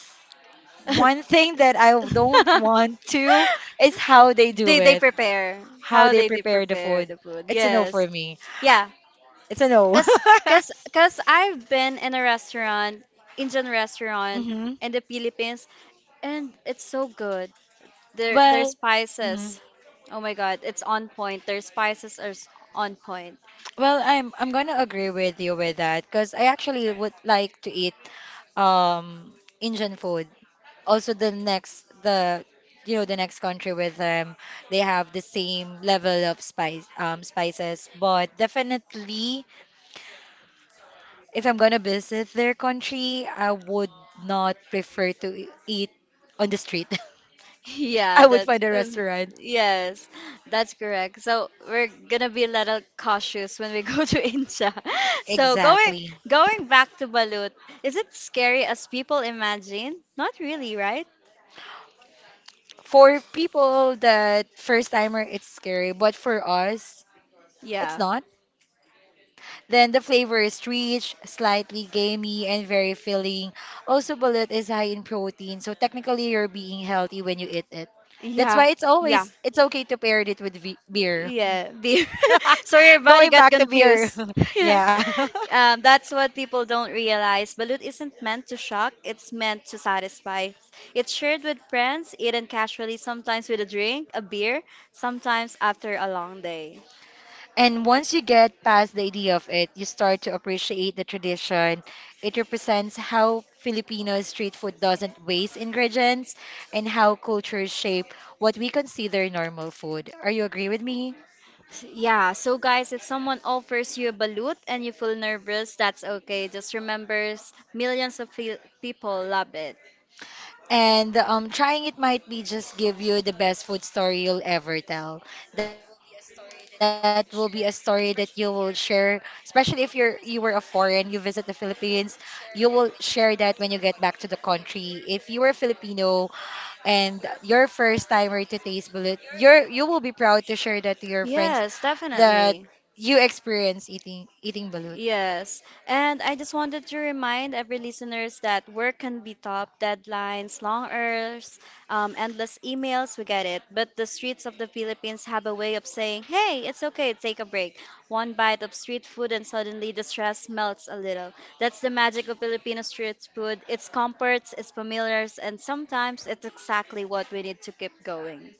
[SPEAKER 1] one thing that I don't want to is how they do
[SPEAKER 2] they they
[SPEAKER 1] it,
[SPEAKER 2] prepare
[SPEAKER 1] how
[SPEAKER 2] how
[SPEAKER 1] they
[SPEAKER 2] they, they
[SPEAKER 1] prepare the
[SPEAKER 2] prepare
[SPEAKER 1] food.
[SPEAKER 2] the food.
[SPEAKER 1] It's a no for
[SPEAKER 2] Yes.
[SPEAKER 1] me.
[SPEAKER 2] Yeah,
[SPEAKER 1] It's a no.
[SPEAKER 2] Cause, cause, cause I've been in a restaurant, Indian restaurant
[SPEAKER 1] Mhm.
[SPEAKER 2] in the Philippines, and it's so good. Their their
[SPEAKER 1] Well, mhm.
[SPEAKER 2] spices, oh my God, it's on point. Their spices are s- on point.
[SPEAKER 1] Well, I'm I'm gonna agree with you with that because I actually would like to eat um Indian food. Also, the next the you know the next country with them, they have the same level of spice um spices. But definitely, if I'm gonna visit their country, I would not prefer to e-, eat on the street.
[SPEAKER 2] Yeah,
[SPEAKER 1] I would
[SPEAKER 2] that's
[SPEAKER 1] find a
[SPEAKER 2] um,
[SPEAKER 1] restaurant.
[SPEAKER 2] yes, that's correct. So we're gonna be a little cautious when we go to India. So going
[SPEAKER 1] Exactly.
[SPEAKER 2] going back to balut, is it scary as people imagine? Not really, right?
[SPEAKER 1] For people that first timer, it's scary, but for us, it's
[SPEAKER 2] Yeah.
[SPEAKER 1] not. Then the flavor is rich, slightly gamey, and very filling. Also, bullet is high in protein, so technically you're being healthy when you eat it. That's
[SPEAKER 2] Yeah,
[SPEAKER 1] why it's
[SPEAKER 2] yeah.
[SPEAKER 1] always it's okay to pair it with vi- beer.
[SPEAKER 2] Yeah, beer. So your body
[SPEAKER 1] Going
[SPEAKER 2] got
[SPEAKER 1] back to beer,
[SPEAKER 2] confused. Yeah.
[SPEAKER 1] yeah.
[SPEAKER 2] Um, that's what people don't realize. Balut isn't meant to shock, it's meant to satisfy. It's shared with friends, eaten casually, sometimes with a drink, a beer, sometimes after a long day.
[SPEAKER 1] And once you get past the idea of it, you start to appreciate the tradition. It represents how Filipino street food doesn't waste ingredients and how cultures shape what we consider normal food. Are you agree with me?
[SPEAKER 2] Yeah, so guys, if someone offers you a balut and you feel nervous, that's okay. Just remember, s- millions of fe- people love it.
[SPEAKER 1] And um, trying it might be just give you the best food story you'll ever tell. That will be a story that you will share, especially if you're you were a foreign, you visit the Philippines, you will share that when you get back to the country. If you were a Filipino, and your first timer to taste balut, you're you will be proud to share that to your friends
[SPEAKER 2] Yes,
[SPEAKER 1] that
[SPEAKER 2] definitely.
[SPEAKER 1] you experience eating eating balut.
[SPEAKER 2] Yes. And I just wanted to remind every listeners that work can be tough, deadlines, long hours, um, endless emails, we get it. But the streets of the Philippines have a way of saying, hey, it's okay, take a break. One bite of street food and suddenly the stress melts a little. That's the magic of Filipino street food. It's comforts, it's familiars, and sometimes it's exactly what we need to keep going.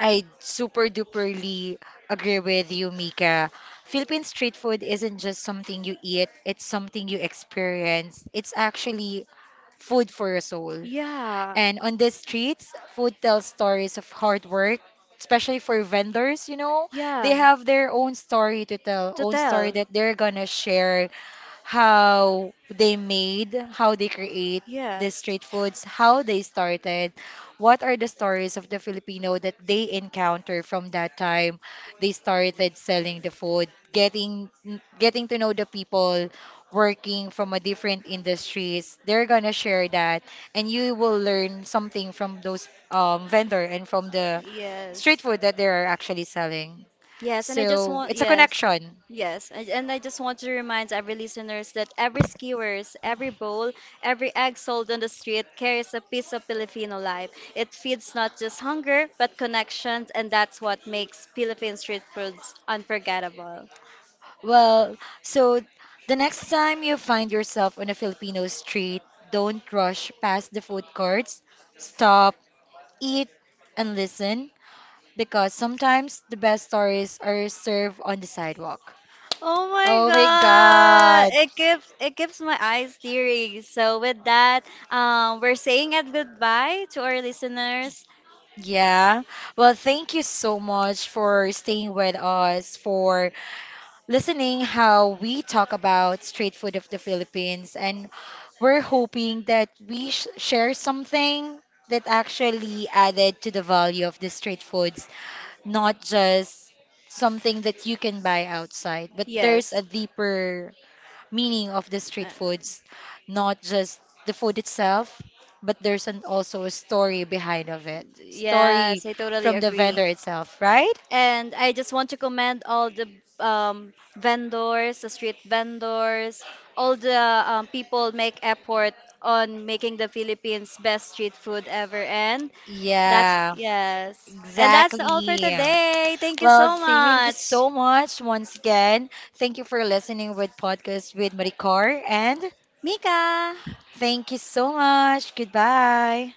[SPEAKER 1] I super duperly agree with you, Mika. Philippine street food isn't just something you eat, it's something you experience. It's actually food for your soul.
[SPEAKER 2] Yeah.
[SPEAKER 1] And on the streets, food tells stories of hard work, especially for vendors, you know. They
[SPEAKER 2] Yeah.
[SPEAKER 1] have their own story to tell,
[SPEAKER 2] To
[SPEAKER 1] own story
[SPEAKER 2] tell.
[SPEAKER 1] that they're gonna share how they made, how they create the
[SPEAKER 2] Yes.
[SPEAKER 1] street foods, how they started, what are the stories of the Filipino that they encounter from that time they started selling the food, getting getting to know the people working from a different industries. They're gonna share that, and you will learn something from those um, vendor and from the
[SPEAKER 2] Yes.
[SPEAKER 1] street food that they are actually selling.
[SPEAKER 2] Yes, and I just
[SPEAKER 1] So
[SPEAKER 2] want
[SPEAKER 1] it's a
[SPEAKER 2] yes.
[SPEAKER 1] connection.
[SPEAKER 2] Yes, and and I just want to remind every listeners that every skewers, every bowl, every egg sold on the street carries a piece of Filipino life. It feeds not just hunger, but connections, and that's what makes Philippine street foods unforgettable.
[SPEAKER 1] Well, so the next time you find yourself on a Filipino street, don't rush past the food courts. Stop, eat, and listen because sometimes the best stories are served on the sidewalk.
[SPEAKER 2] Oh
[SPEAKER 1] Oh my
[SPEAKER 2] my god!
[SPEAKER 1] God.
[SPEAKER 2] It gives it gives my eyes teary. So with that, um, we're saying a goodbye to our listeners.
[SPEAKER 1] Yeah. Well, thank you so much for staying with us, for listening how we talk about street food of the Philippines. And we're hoping that we sh share something that actually added to the value of the street foods, not just something that you can buy outside, but there's
[SPEAKER 2] Yes.
[SPEAKER 1] a deeper meaning of the
[SPEAKER 2] Uh,
[SPEAKER 1] street foods, not just the food itself, but there's an, also a story behind of it. Story
[SPEAKER 2] yes, I totally
[SPEAKER 1] from the
[SPEAKER 2] agree.
[SPEAKER 1] vendor itself, right?
[SPEAKER 2] And I just want to commend all the um, vendors, the street vendors, all the um, people make effort on making the Philippines best street food ever. And that's,
[SPEAKER 1] Yeah,
[SPEAKER 2] yes. And that's all for
[SPEAKER 1] exactly.
[SPEAKER 2] today. Thank you
[SPEAKER 1] Well,
[SPEAKER 2] so
[SPEAKER 1] thank you
[SPEAKER 2] much.
[SPEAKER 1] so much once again. Thank you for listening with podcast with Maricar and
[SPEAKER 2] Mika!
[SPEAKER 1] thank you so much. Goodbye.